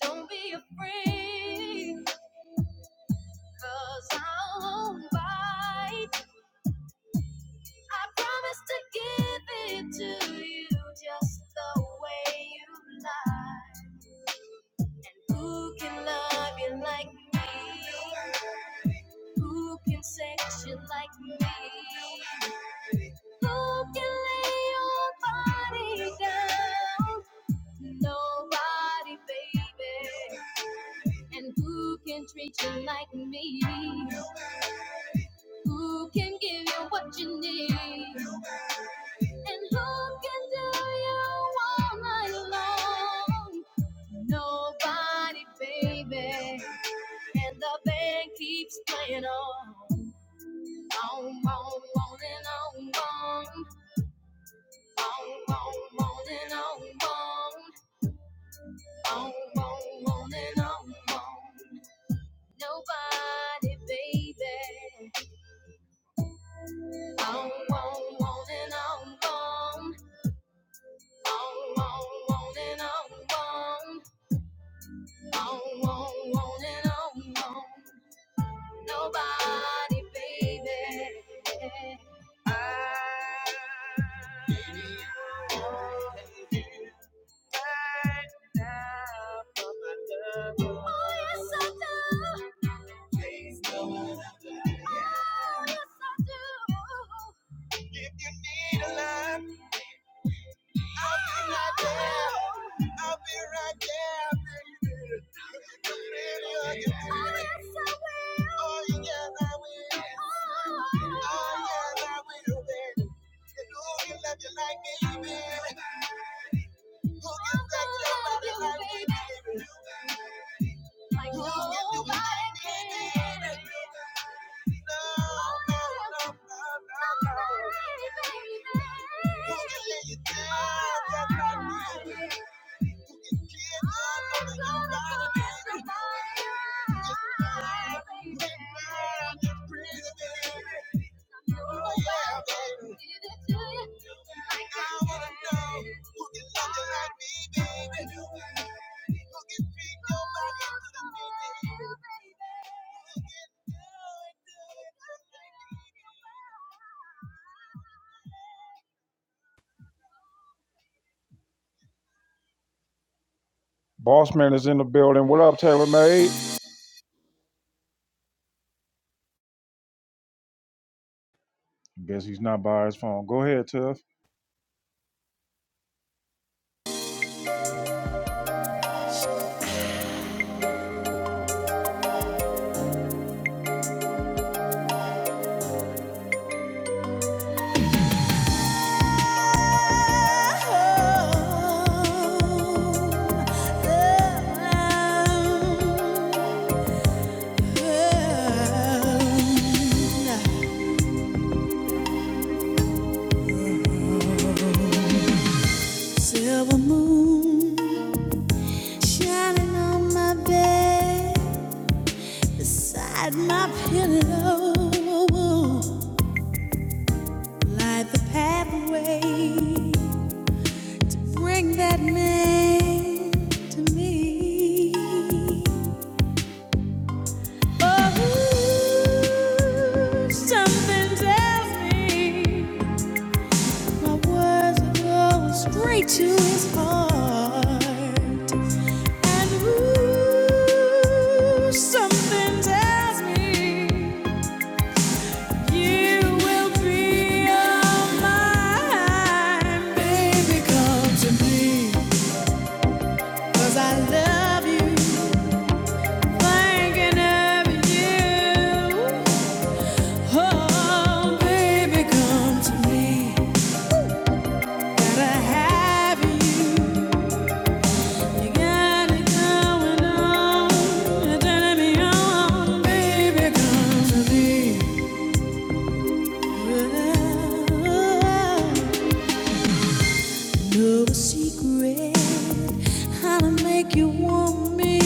Speaker 1: Don't be afraid, cause I'll not bite. I promise to give it to you just the way you like. Who can love you like me? Who can sex you like me? Who can lay your body down? Nobody, baby. And who can treat you like me? Who can give you what you need? And who can do you all night long? Nobody, baby. And the band keeps playing on. On, on, on and on, on. On, on, on and on, on. On, on, on and on, on. Nobody, baby. On, on, on and on, on. On, on, on and on, on. On, on, on and on, on. Nobody, baby. If you need a love, I'll be right there. I'll be right there. Who can lay you down just like me? Boss man is in the building. What up, Taylor Made? Guess he's not by his phone. Go ahead, Tiff.
Speaker 2: Silver moon shining on my bed, beside my pillow. Light the pathway, bring that man to me. Oh, something tells me my words are going straight to his heart. And ooh, something tells me you will be all mine. Baby, come to me, 'cause I love you. Thinking of you. Oh, baby, come to me. Gotta have you. You got it going on. You're turning me on, baby. Come to me. Know secret, how to make you want me,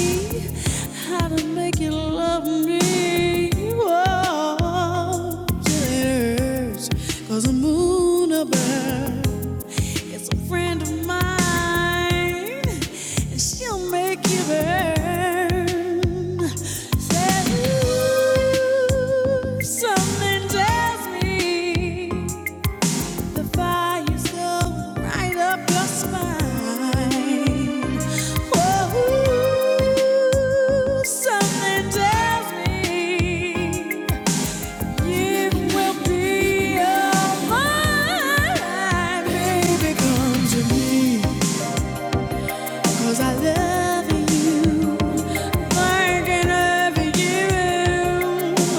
Speaker 2: how to make you love me. Whoa, it hurts 'cause the moon above. It's a friend of mine, and she'll make you burn. Said, "Ooh, something tells me the fire's going right up your spine. Oh, ooh, something tells me it will be alright, baby. Come to me, 'cause I love you. I can you.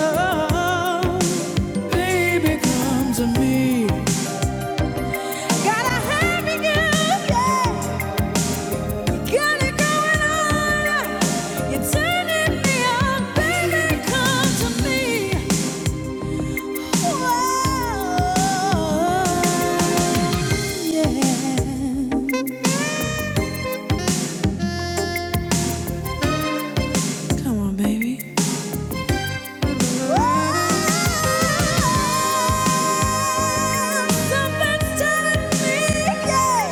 Speaker 2: Oh, baby, come to me. Gotta have you, yeah. yeah. Got it going on. You're turning me on, baby. Come to me. Whoa, yeah. Baby. Something's telling me, yeah,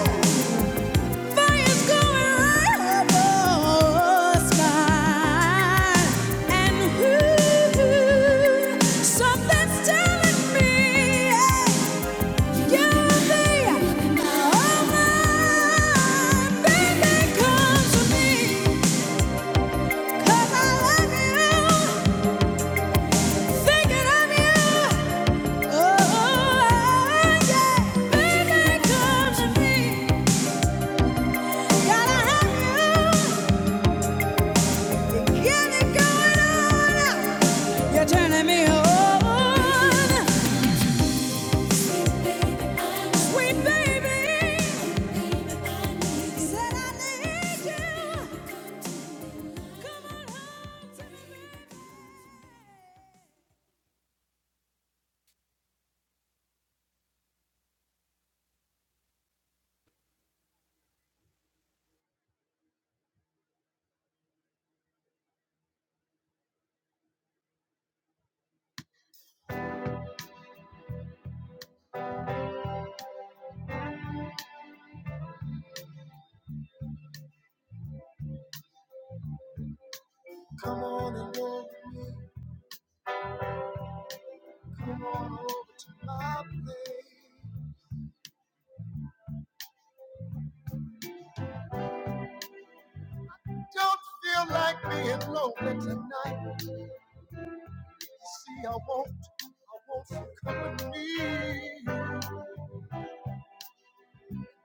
Speaker 2: fire's going round your spine. And something's telling me, yeah, you'll be all mine. Baby, come to me, 'cause I love you, thinking of you.
Speaker 1: Don't feel like being lonely tonight. You see, I want, I want some company.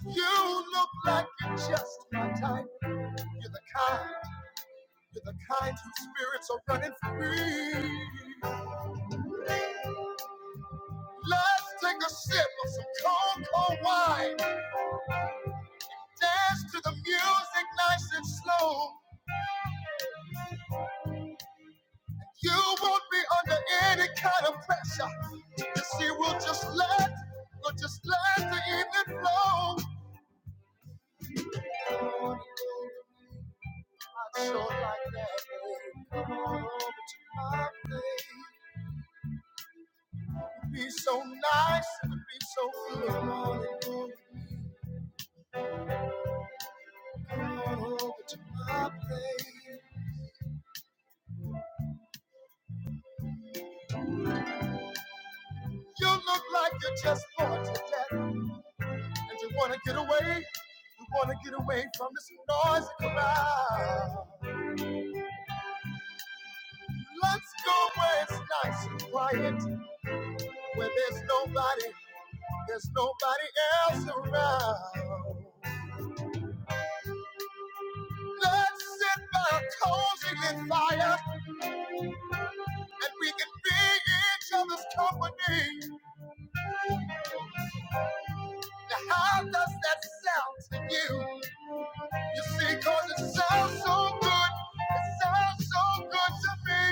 Speaker 1: You look like you're just my type. You're the kind, you're the kind whose spirits are running free. Let's take a sip of some cold, cold wine. Dance to the music nice and slow. You won't be under any kind of pressure. You see, we'll just let, we'll just let the evening flow. on you. I sure like that, babe. Come on over to my place. It'd be so nice, it'd be so good. Come on and go, come on over to my place. You look like you're just bored to death, and you wanna get away. You wanna get away from this noisy crowd. Let's go where it's nice and quiet, where there's nobody, there's nobody else around. blood shed by a consuming fire, and we can be each other's company. Now, how does that sound to you? You see, cause it sounds so good, it sounds so good to me.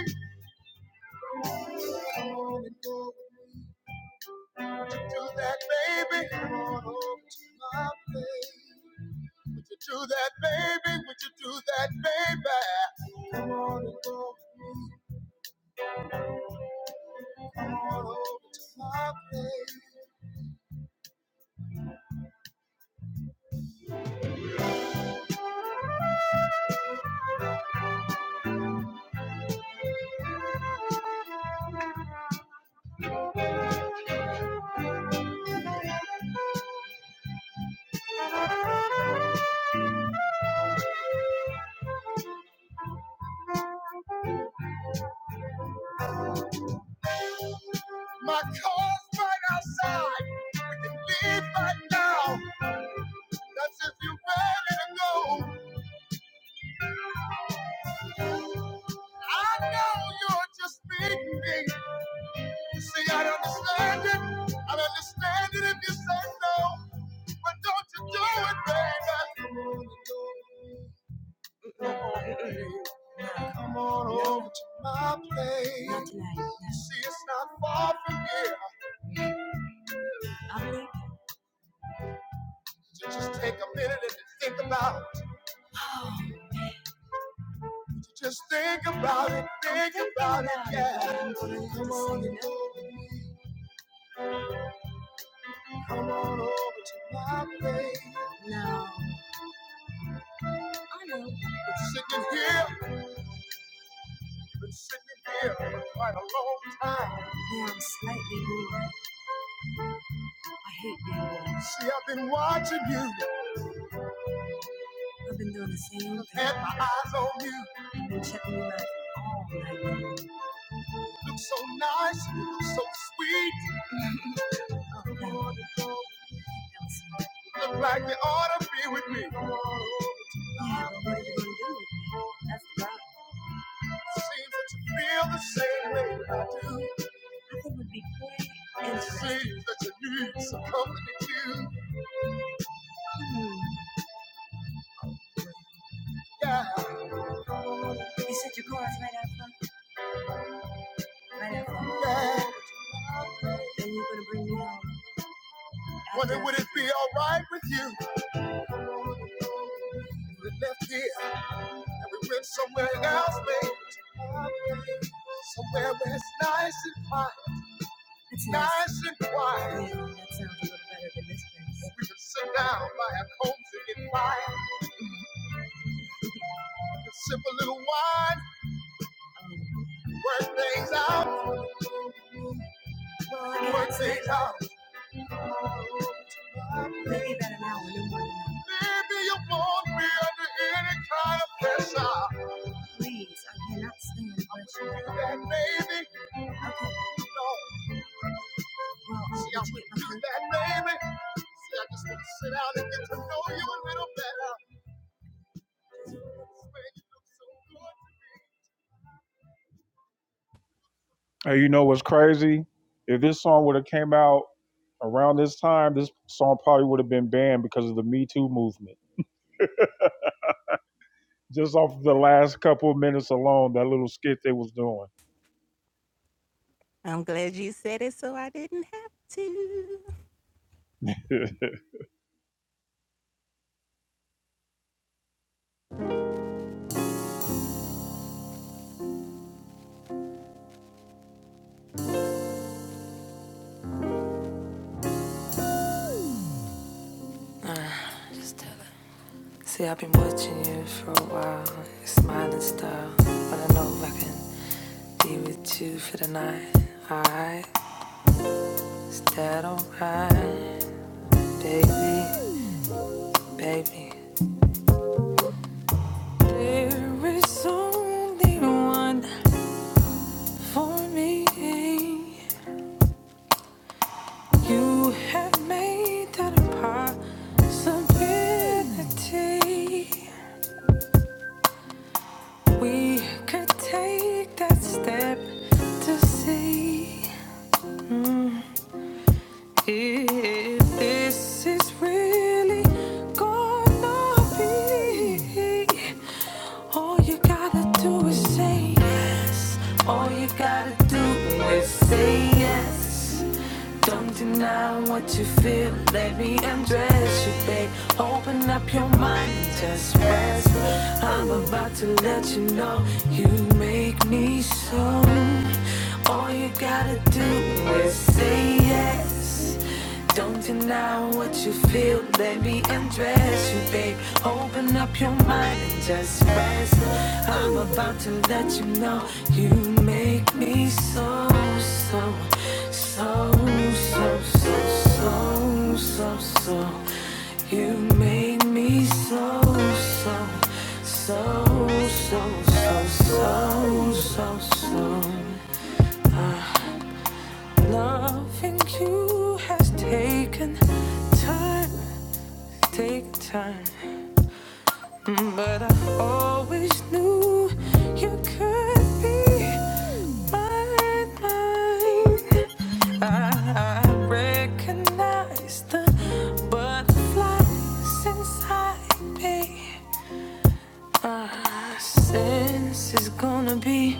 Speaker 1: Come on and go with me. Do that, baby. Come on over to my place. Would you do that, baby? Would you do that, baby? Come on and go, come on over to my place. My car's right outside. We can leave right now. That's if you're ready to go. I know you're just beating me. You see, I understand it. I understand it if you say no. But don't you do it, baby. Come on baby. Come on over to my place. Not tonight, no. You see, it's not far from here. I'll You Just take a minute and think about it. Just think about it, think about it, yeah. Come on, and come on over to my place. Now, I know. Been sitting here, been sitting here for quite a long time. Now I'm slightly bored. I hate being bored. See, I've been watching you. I've been doing the same thing. Had my eyes on you. I've Been checking you out all night. long. You Look so nice, you look so sweet. You Look like you ought to be with me. Seems that you feel the same way I do. It seems that you need some company too. Yeah, yeah. When you gonna bring me home? Wonder would it be alright with you? If we left here and we went somewhere else, baby. Somewhere where it's nice and quiet. It's nice, nice and quiet. Yeah, that sounds a little better than this place. we could sit down by a cozy fire and get quiet. We could sip a little wine, Um, work things out. Once a time. Maybe better now, a little more than that. Maybe you won't be under any kind of pressure. Please, I cannot stand pressure. Do that, baby. Okay. No. Well, See, I would do that, baby. See, I just want to sit down and get to know you a little better. Hey, you know what's crazy? If this song would have came out around this time, this song probably would have been banned because of the Me Too movement. just off the last couple of minutes alone, that little skit they was doing.
Speaker 2: See, I've been watching you for a while, your smiling style. But I know I can be with you for the night, alright? You could take that step, see. Mm-hmm. If this is really gonna be all you gotta do is say yes. All you gotta do is say yes. Don't deny what you feel. Let me undress you, babe. Open up your mind and just rest. I'm about to let you know you make me so. All you gotta do is say yes. Don't deny what you feel. Let me undress you, babe. Open up your mind and just rest. I'm about to let you know you make me so, so, so, so, so, so so so so you made me so so so so so so so so Uh, loving you has taken time take time But I always knew you could be mine, mine. I I recognize the butterflies inside me. My sense is gonna be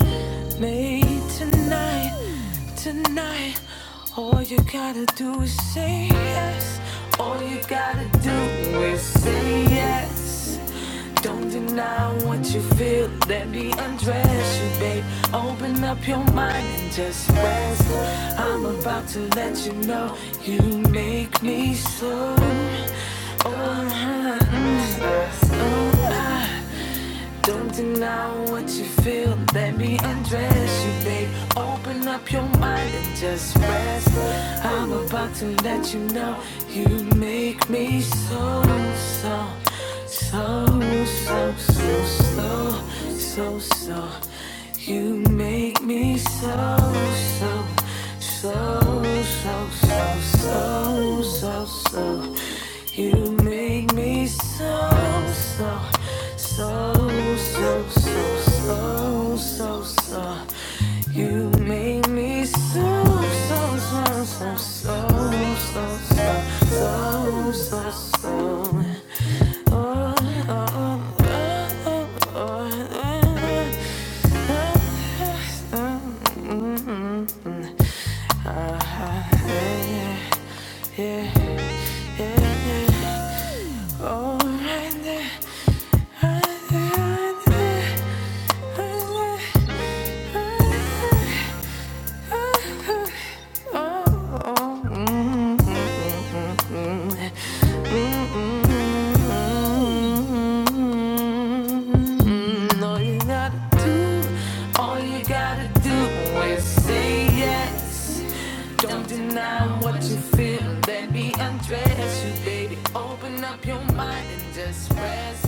Speaker 2: made tonight tonight. All you gotta do is say yes. All you gotta do is say yes. Don't deny what you feel. Let me undress you, babe. Open up your mind and just rest. I'm about to let you know you make me so. Oh, mm, mm, mm. Don't deny what you feel. Let me undress you, babe. Open up your mind and just rest. I'm about to let you know you make me so, so, so, so, so, so, so, so. You make me so, so, so, so, so, so, so, so. You make me so, so. So, so, so, so, so, so. You make me so, so, so, so, so, so, so, so, so, so. Oh, oh, oh, oh, oh, oh. oh. No, you gotta do. All you gotta do is say yes. Don't deny what you feel. Let me undress you, baby. Open up your mind and just rest.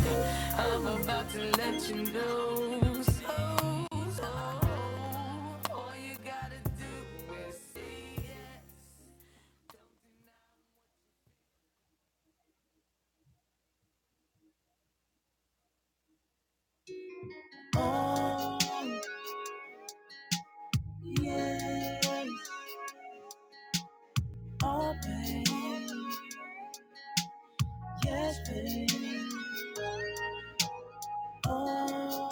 Speaker 2: I'm about to let you know. So, so, all you gotta do is say yes.
Speaker 1: Oh, yes. Oh, babe. Yes, babe. Oh,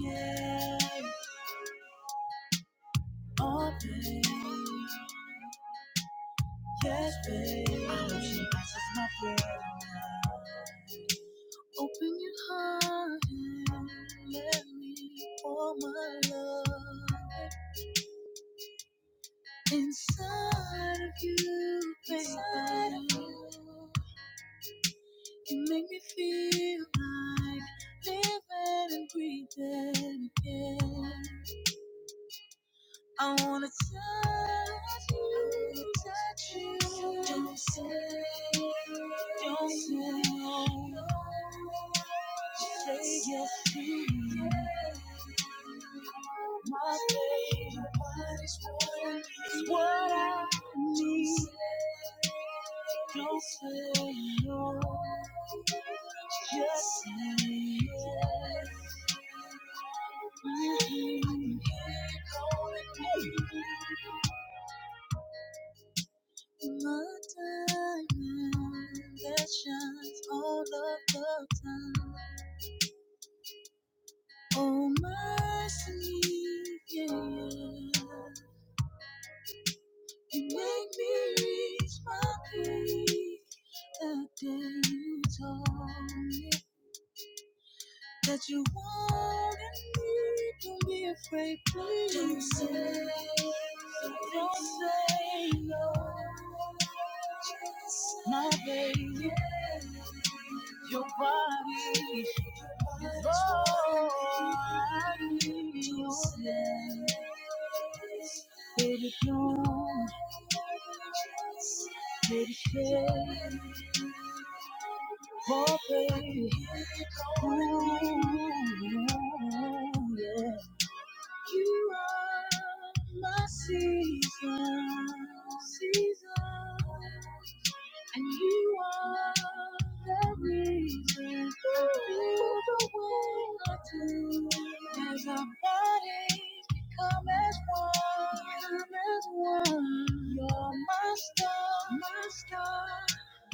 Speaker 1: yes. Oh, babe. Yes, babe. I hope she passes my prayer Open your heart and let me pour my love. Inside of you, inside of you, you make me feel like living and breathing again. I wanna touch you, touch you. Don't say, don't say no. Say yes to me. My baby, what is what is what. Don't say no, just say yes. Mhm. My diamond that shines all of the time. Oh, my sweet, yeah, yeah. You make me reach my peak. The days on me that you want and need. Don't be afraid, please. Don't say, don't say no. My baby, your body is all I need. Did it know? Did it care? Oh, baby. Ooh, yeah. You are my season, season. And you are the reason I feel the way I do. As our bodies become as one, become as one. You're my star, my star.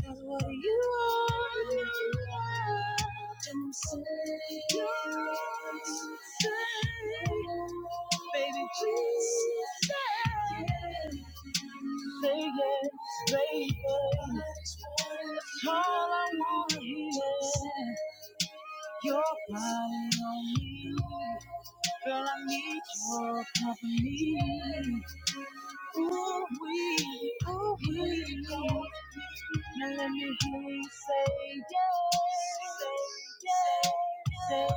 Speaker 1: Cause what you are, you are. don't say, don't say, baby, please say, yes. say yes, baby. All I wanna hear, your body on me, girl, I need your company. Ooh we, ooh we. Now let me hear you say yeah, say yeah, say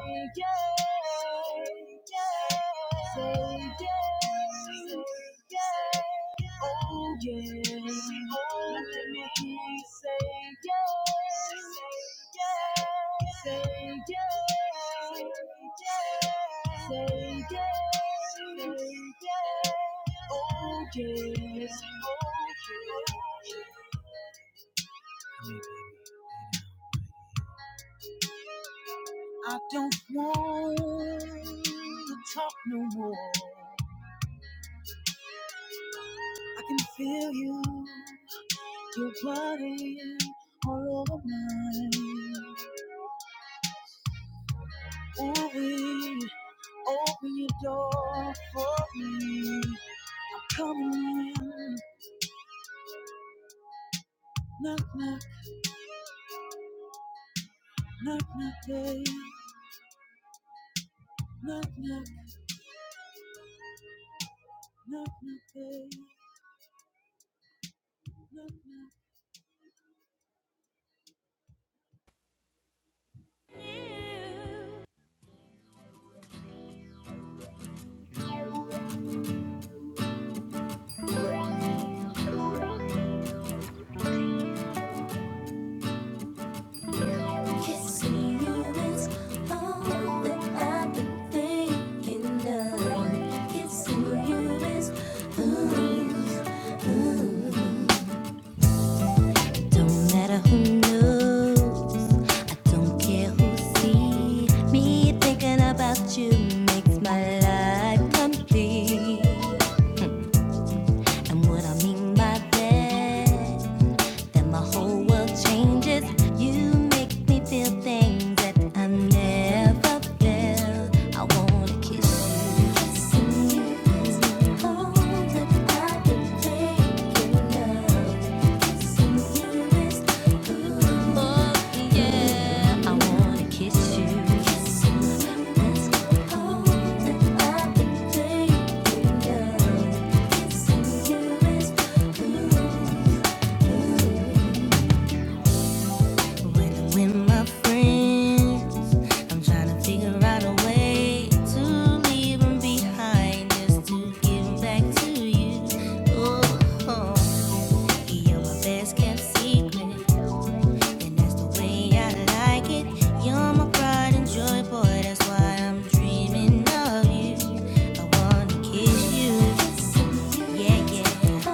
Speaker 1: yeah, say yeah, say yeah. Oh yeah, oh yeah, say yeah, say yeah, say yeah, say yeah, say yeah. Oh yeah, oh yeah. I don't want to talk no more. I can feel you, your body all over mine. Oh, we. Open your door for me. I'm coming in. Knock, knock, knock, knock, babe. Knock, knock, knock, knock, babe. Knock, knock.
Speaker 2: Kissing you is all that I've been thinking of. Kissing you is ooh, Don't matter who knows, I don't care who sees. Me thinking about you makes my life complete. And what I mean by that then my whole world changes. You make me feel things that I never felt. I wanna kiss you. Kissing you is all that I can take in love. Kissing you is ooh, oh yeah. I wanna kiss you. Kissing you is all that I can take in love. Kissing you is ooh. back to you. Ooh, you're my best kept secret, and that's the way I like it. You're my pride and joy, boy. That's why I'm dreaming of you. I wanna kiss you. Yeah, yeah.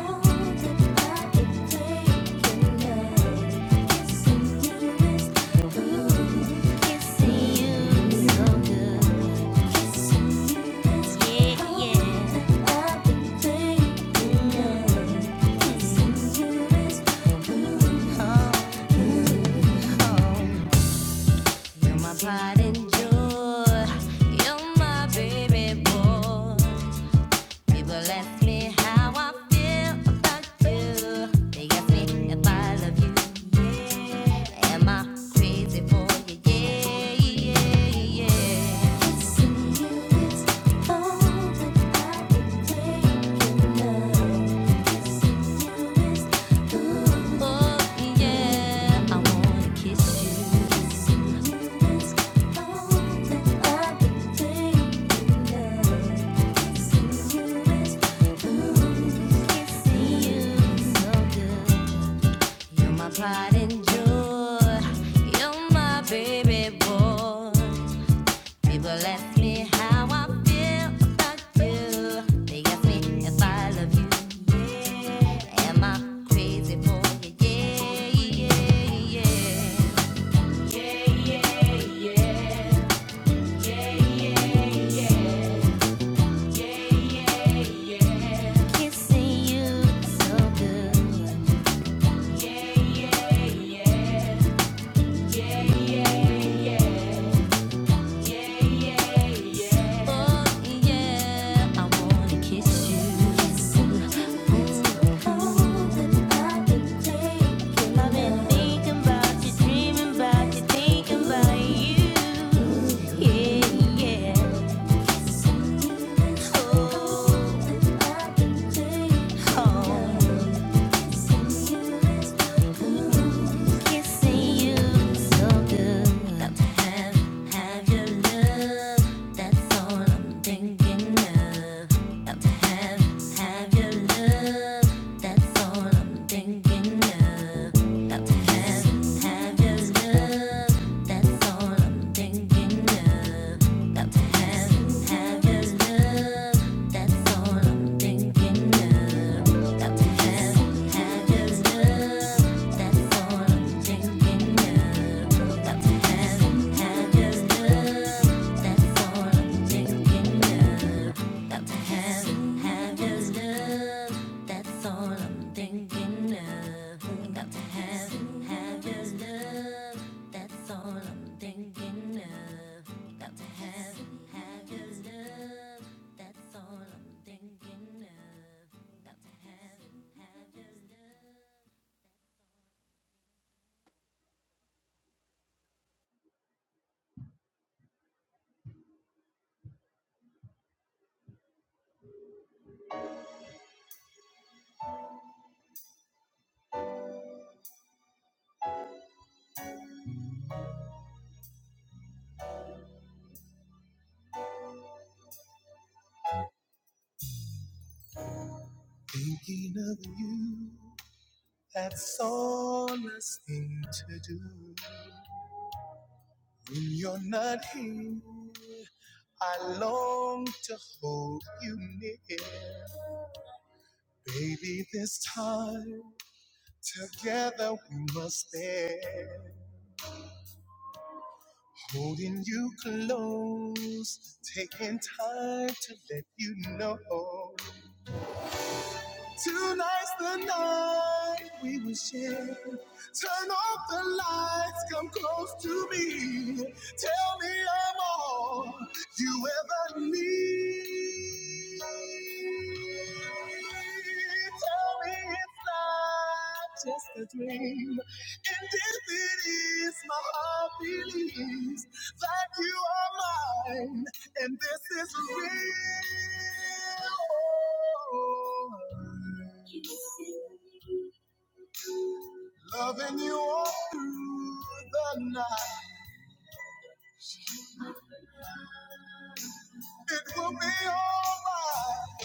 Speaker 2: Kissing you is so good. People ask me how I feel about you. They ask me if I love you. Am I crazy for you? Yeah, yeah, yeah. you you it's all that I've Oh, yeah. I wanna kiss you. you you it's all that I've Thank you. it's ooh, it's in you, So good. You're my pride and joy. You're my baby boy. People ask me how I feel about you. They ask me if I love you. Am I crazy for you? Yeah, yeah, yeah. Kissing you so good. Oh yeah, I wanna kiss you. I've been thinking you, dreaming you, thinking you. Yeah, yeah. Oh, oh have your love. That's all I'm Thinking of Thinking of, got to
Speaker 1: Thinking of you, that's all I seem to do. When you're not here, I long to hold you near. Baby, this time together we must stay. Holding you close, taking time to let you know. Tonight's the night we will share. Turn off the lights, come close to me. Tell me I'm all you ever need. Tell me it's not just a dream. And if it is my heart believes that you are mine, and this is real. Loving you all through the night, it will be alright.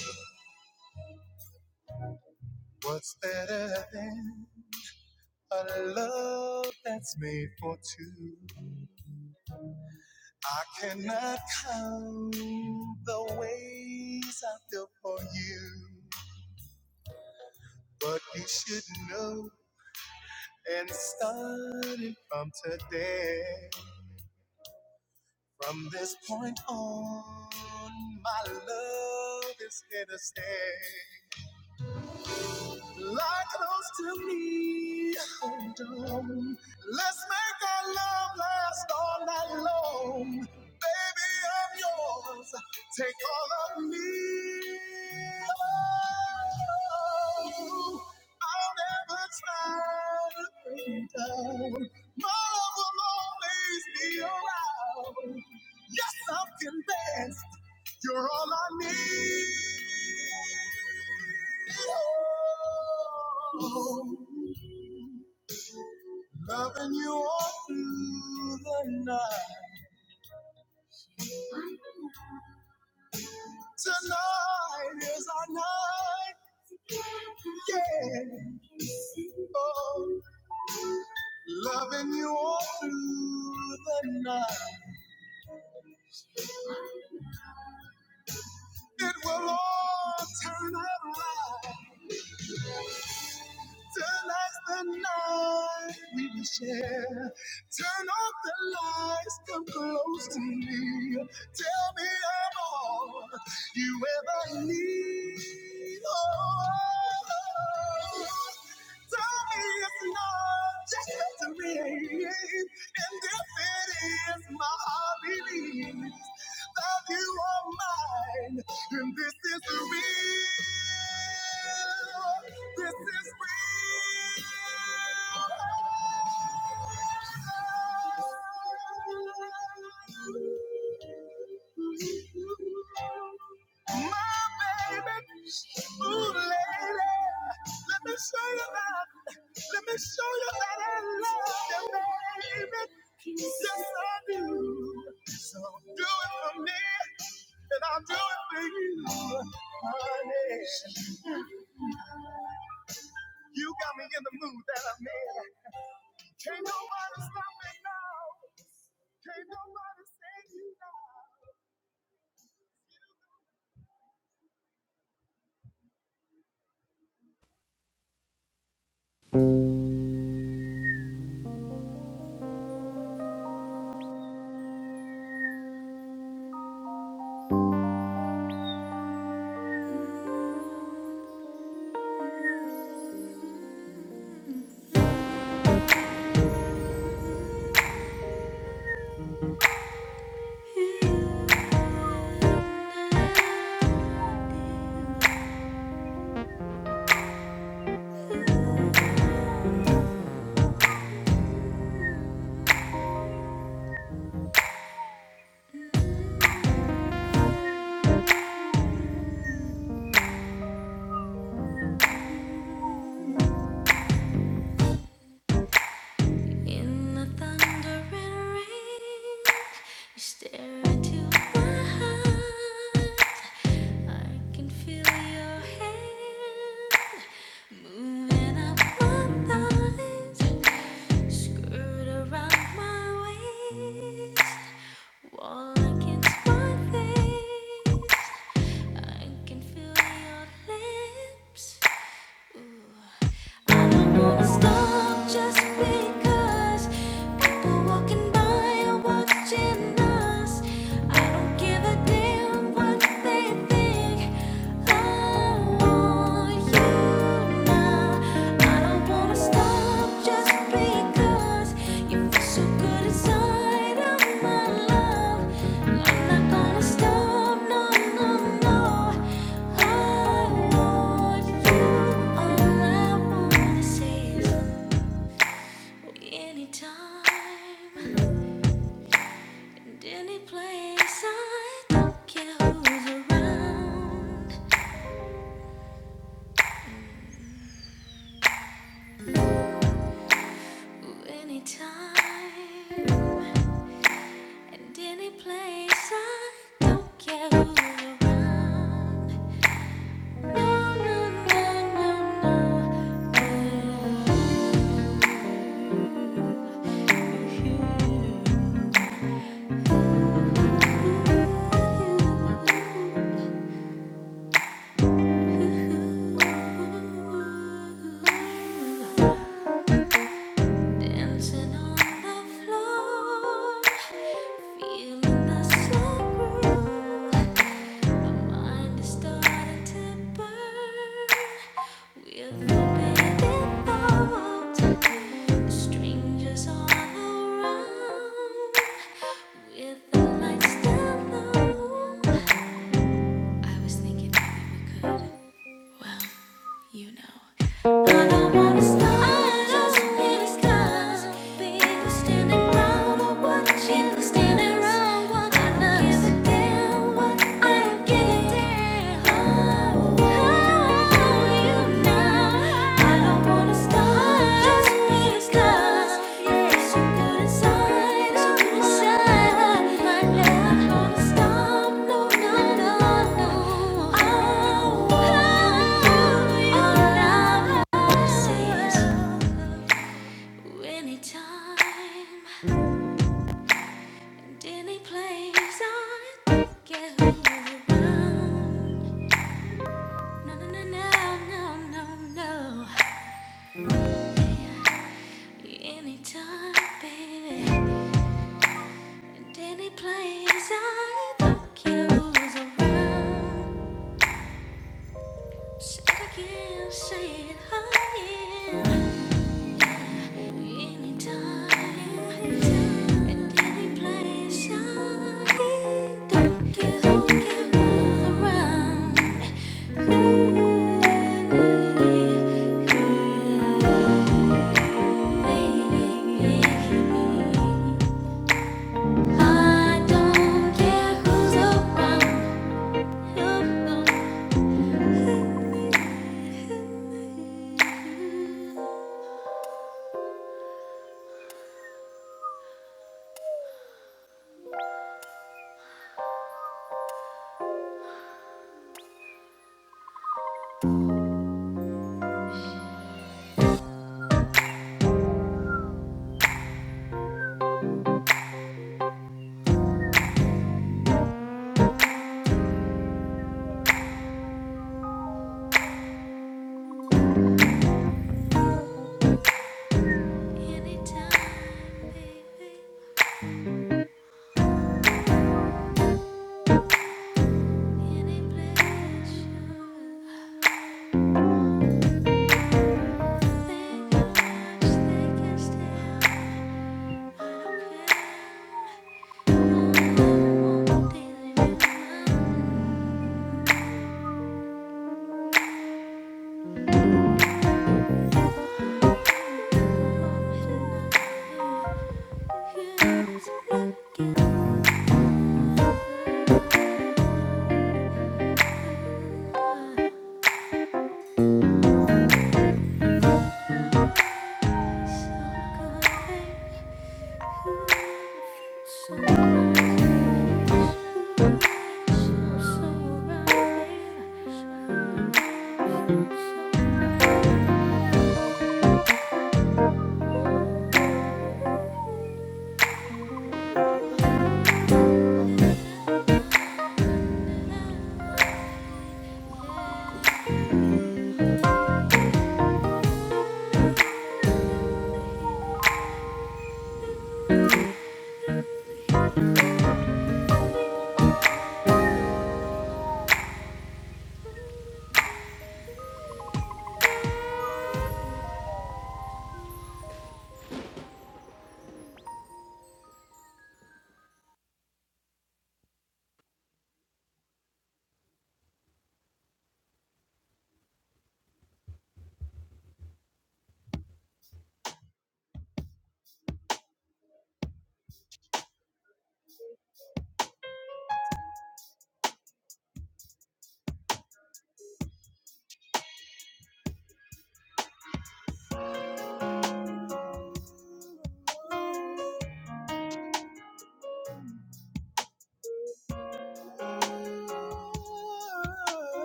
Speaker 1: What's better than a love that's made for two? I cannot count the ways I feel for you, but you should know. and starting from today. From this point on, my love is here to stay. to me. Oh, Don't. Let's make our love last all night long. Baby, I'm yours. Take all of me. Oh, I'll never try to bring you down. My love will always be around. Something best. You're all I need. Oh. Come you on through the night. Tonight is our night. Yeah. Oh, love, it will all turn around. Tonight's the night we will share. Turn off the lights, come close to me. Tell me I'm all you ever need. Oh, tell me it's not just victory. And if it is, my heart believes that you are mine. And this is real. This is real. My baby, ooh, lady, let me show you my let me show you that I love you, baby. Yes, I do. So do it for me, and I'll do it for you, honey. You got me in the mood that I'm in. Can't nobody stop me now. Can't nobody
Speaker 2: In the thundering rain, you stare into my eyes. I can feel your hand moving up my thighs, skirt around my waist, wall against my face. I can feel your lips. I don't wanna stop, just because people walking by are watching us. I don't give a damn what they think. I want you now. I don't wanna stop just because you feel so good inside of my love. I'm not gonna stop, no, no, no. I want you. All I wanna say is. Anytime, and any place, I don't care who's around. Anytime, and any place, I don't care who's around. No, no, no, no, no, no. Ooh, ooh, ooh, ooh. Dancing on the floor, feeling the slow groove. My mind is starting to burn with forbidden thoughts. Strangers all around, with the lights down low. I was thinking maybe we could, well you know. I don't wanna stop, I just wanna stop. People standing around or watching, people standing around watching us. I don't Give a damn what I don't give a damn. Oh, oh, you know. I don't Anytime, any place, I get who you want. No, no, no, no, no, no, no. Anytime, baby. And any place I look, you was around. Said I can't say it higher. Anytime, and any place I don't care who around. I don't care who's around. You It's Looking so good, Thank you.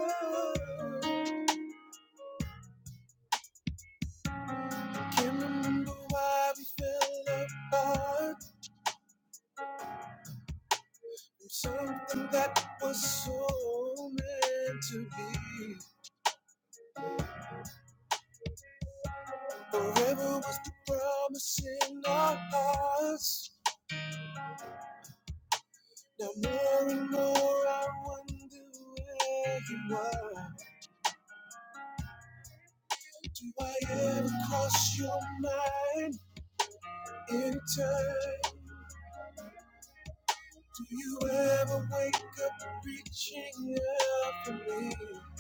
Speaker 1: say you now. Can't remember why we fell apart. Something that was so meant to be. Forever was the promise in our hearts. Now I wonder where you are. Why haven't your mind in time? Do you ever wake up reaching out for me? Do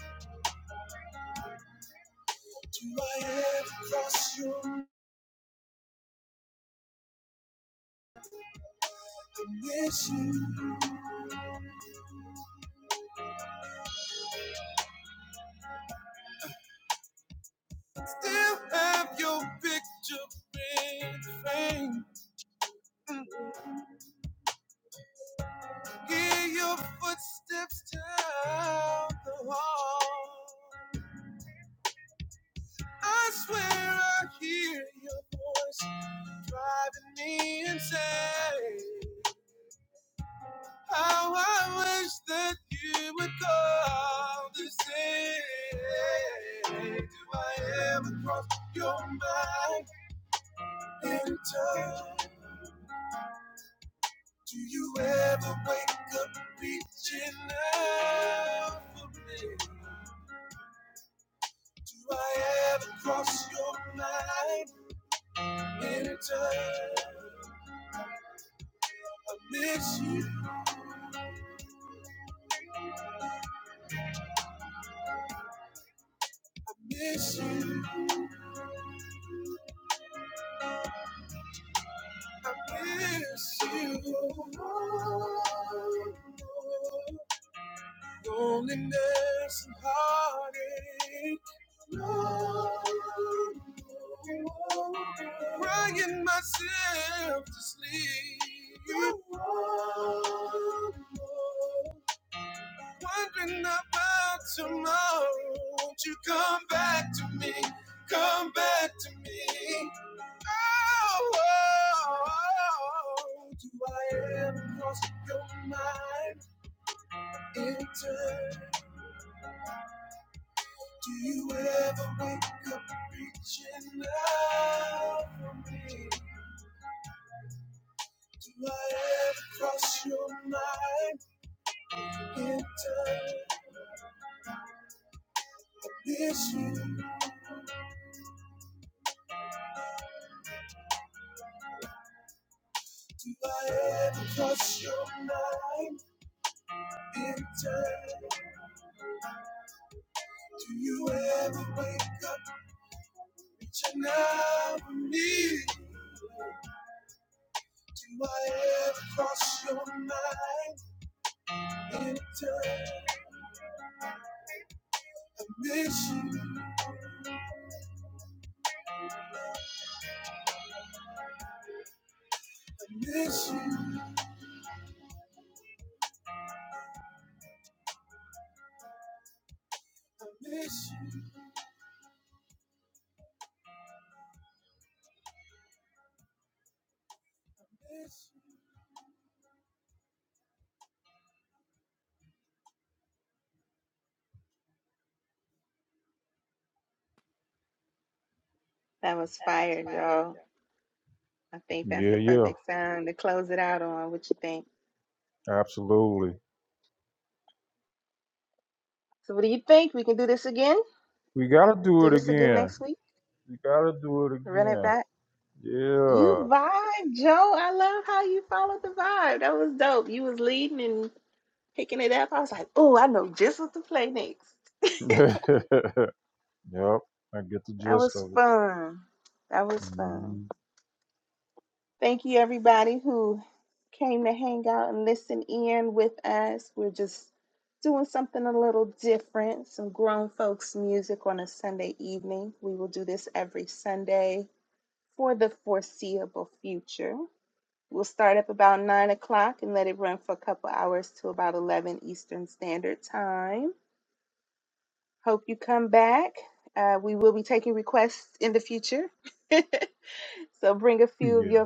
Speaker 1: I ever cross your mind? still have your picture in the frame? Hear your footsteps down the hall. I swear I hear your voice driving me insane. How I wish that you would call to say, Do I ever cross your mind in time? Do you ever wake up reaching out for me? Do I ever go some high? Wondering about tomorrow. Won't you come back to me? Come back to me. Oh, oh, oh, do I ever cross your mind? That was fire, yo. Yeah, yeah, absolutely. We gotta do it again. We gotta do it again. Yeah. yep. I get the gist of it. Mhm. Yeah.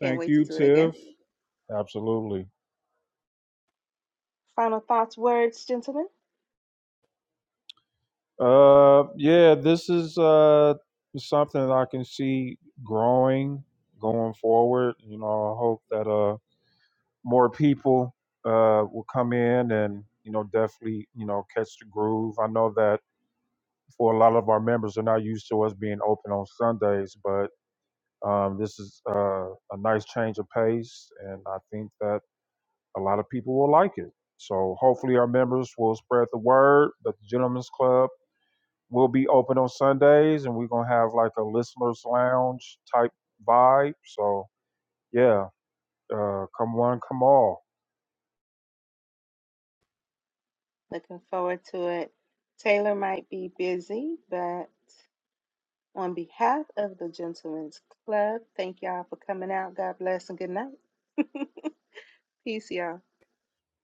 Speaker 1: Thank you, Tiff. Absolutely. Uh, yeah, this is uh something that I can see growing going forward. You know, I hope that uh more people uh will come in and you know definitely you know catch the groove. I know that for a lot of our members are not used to us being open on Sundays, but um, this is uh, a nice change of pace, and I think that a lot of people will like it. So hopefully our members will spread the word that the Gentlemen's Club We'll be open on Sundays, and we're gonna have like a listeners lounge type vibe. So yeah, uh, come one, come all.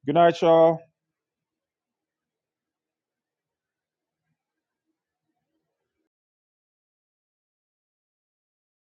Speaker 1: Good night, y'all.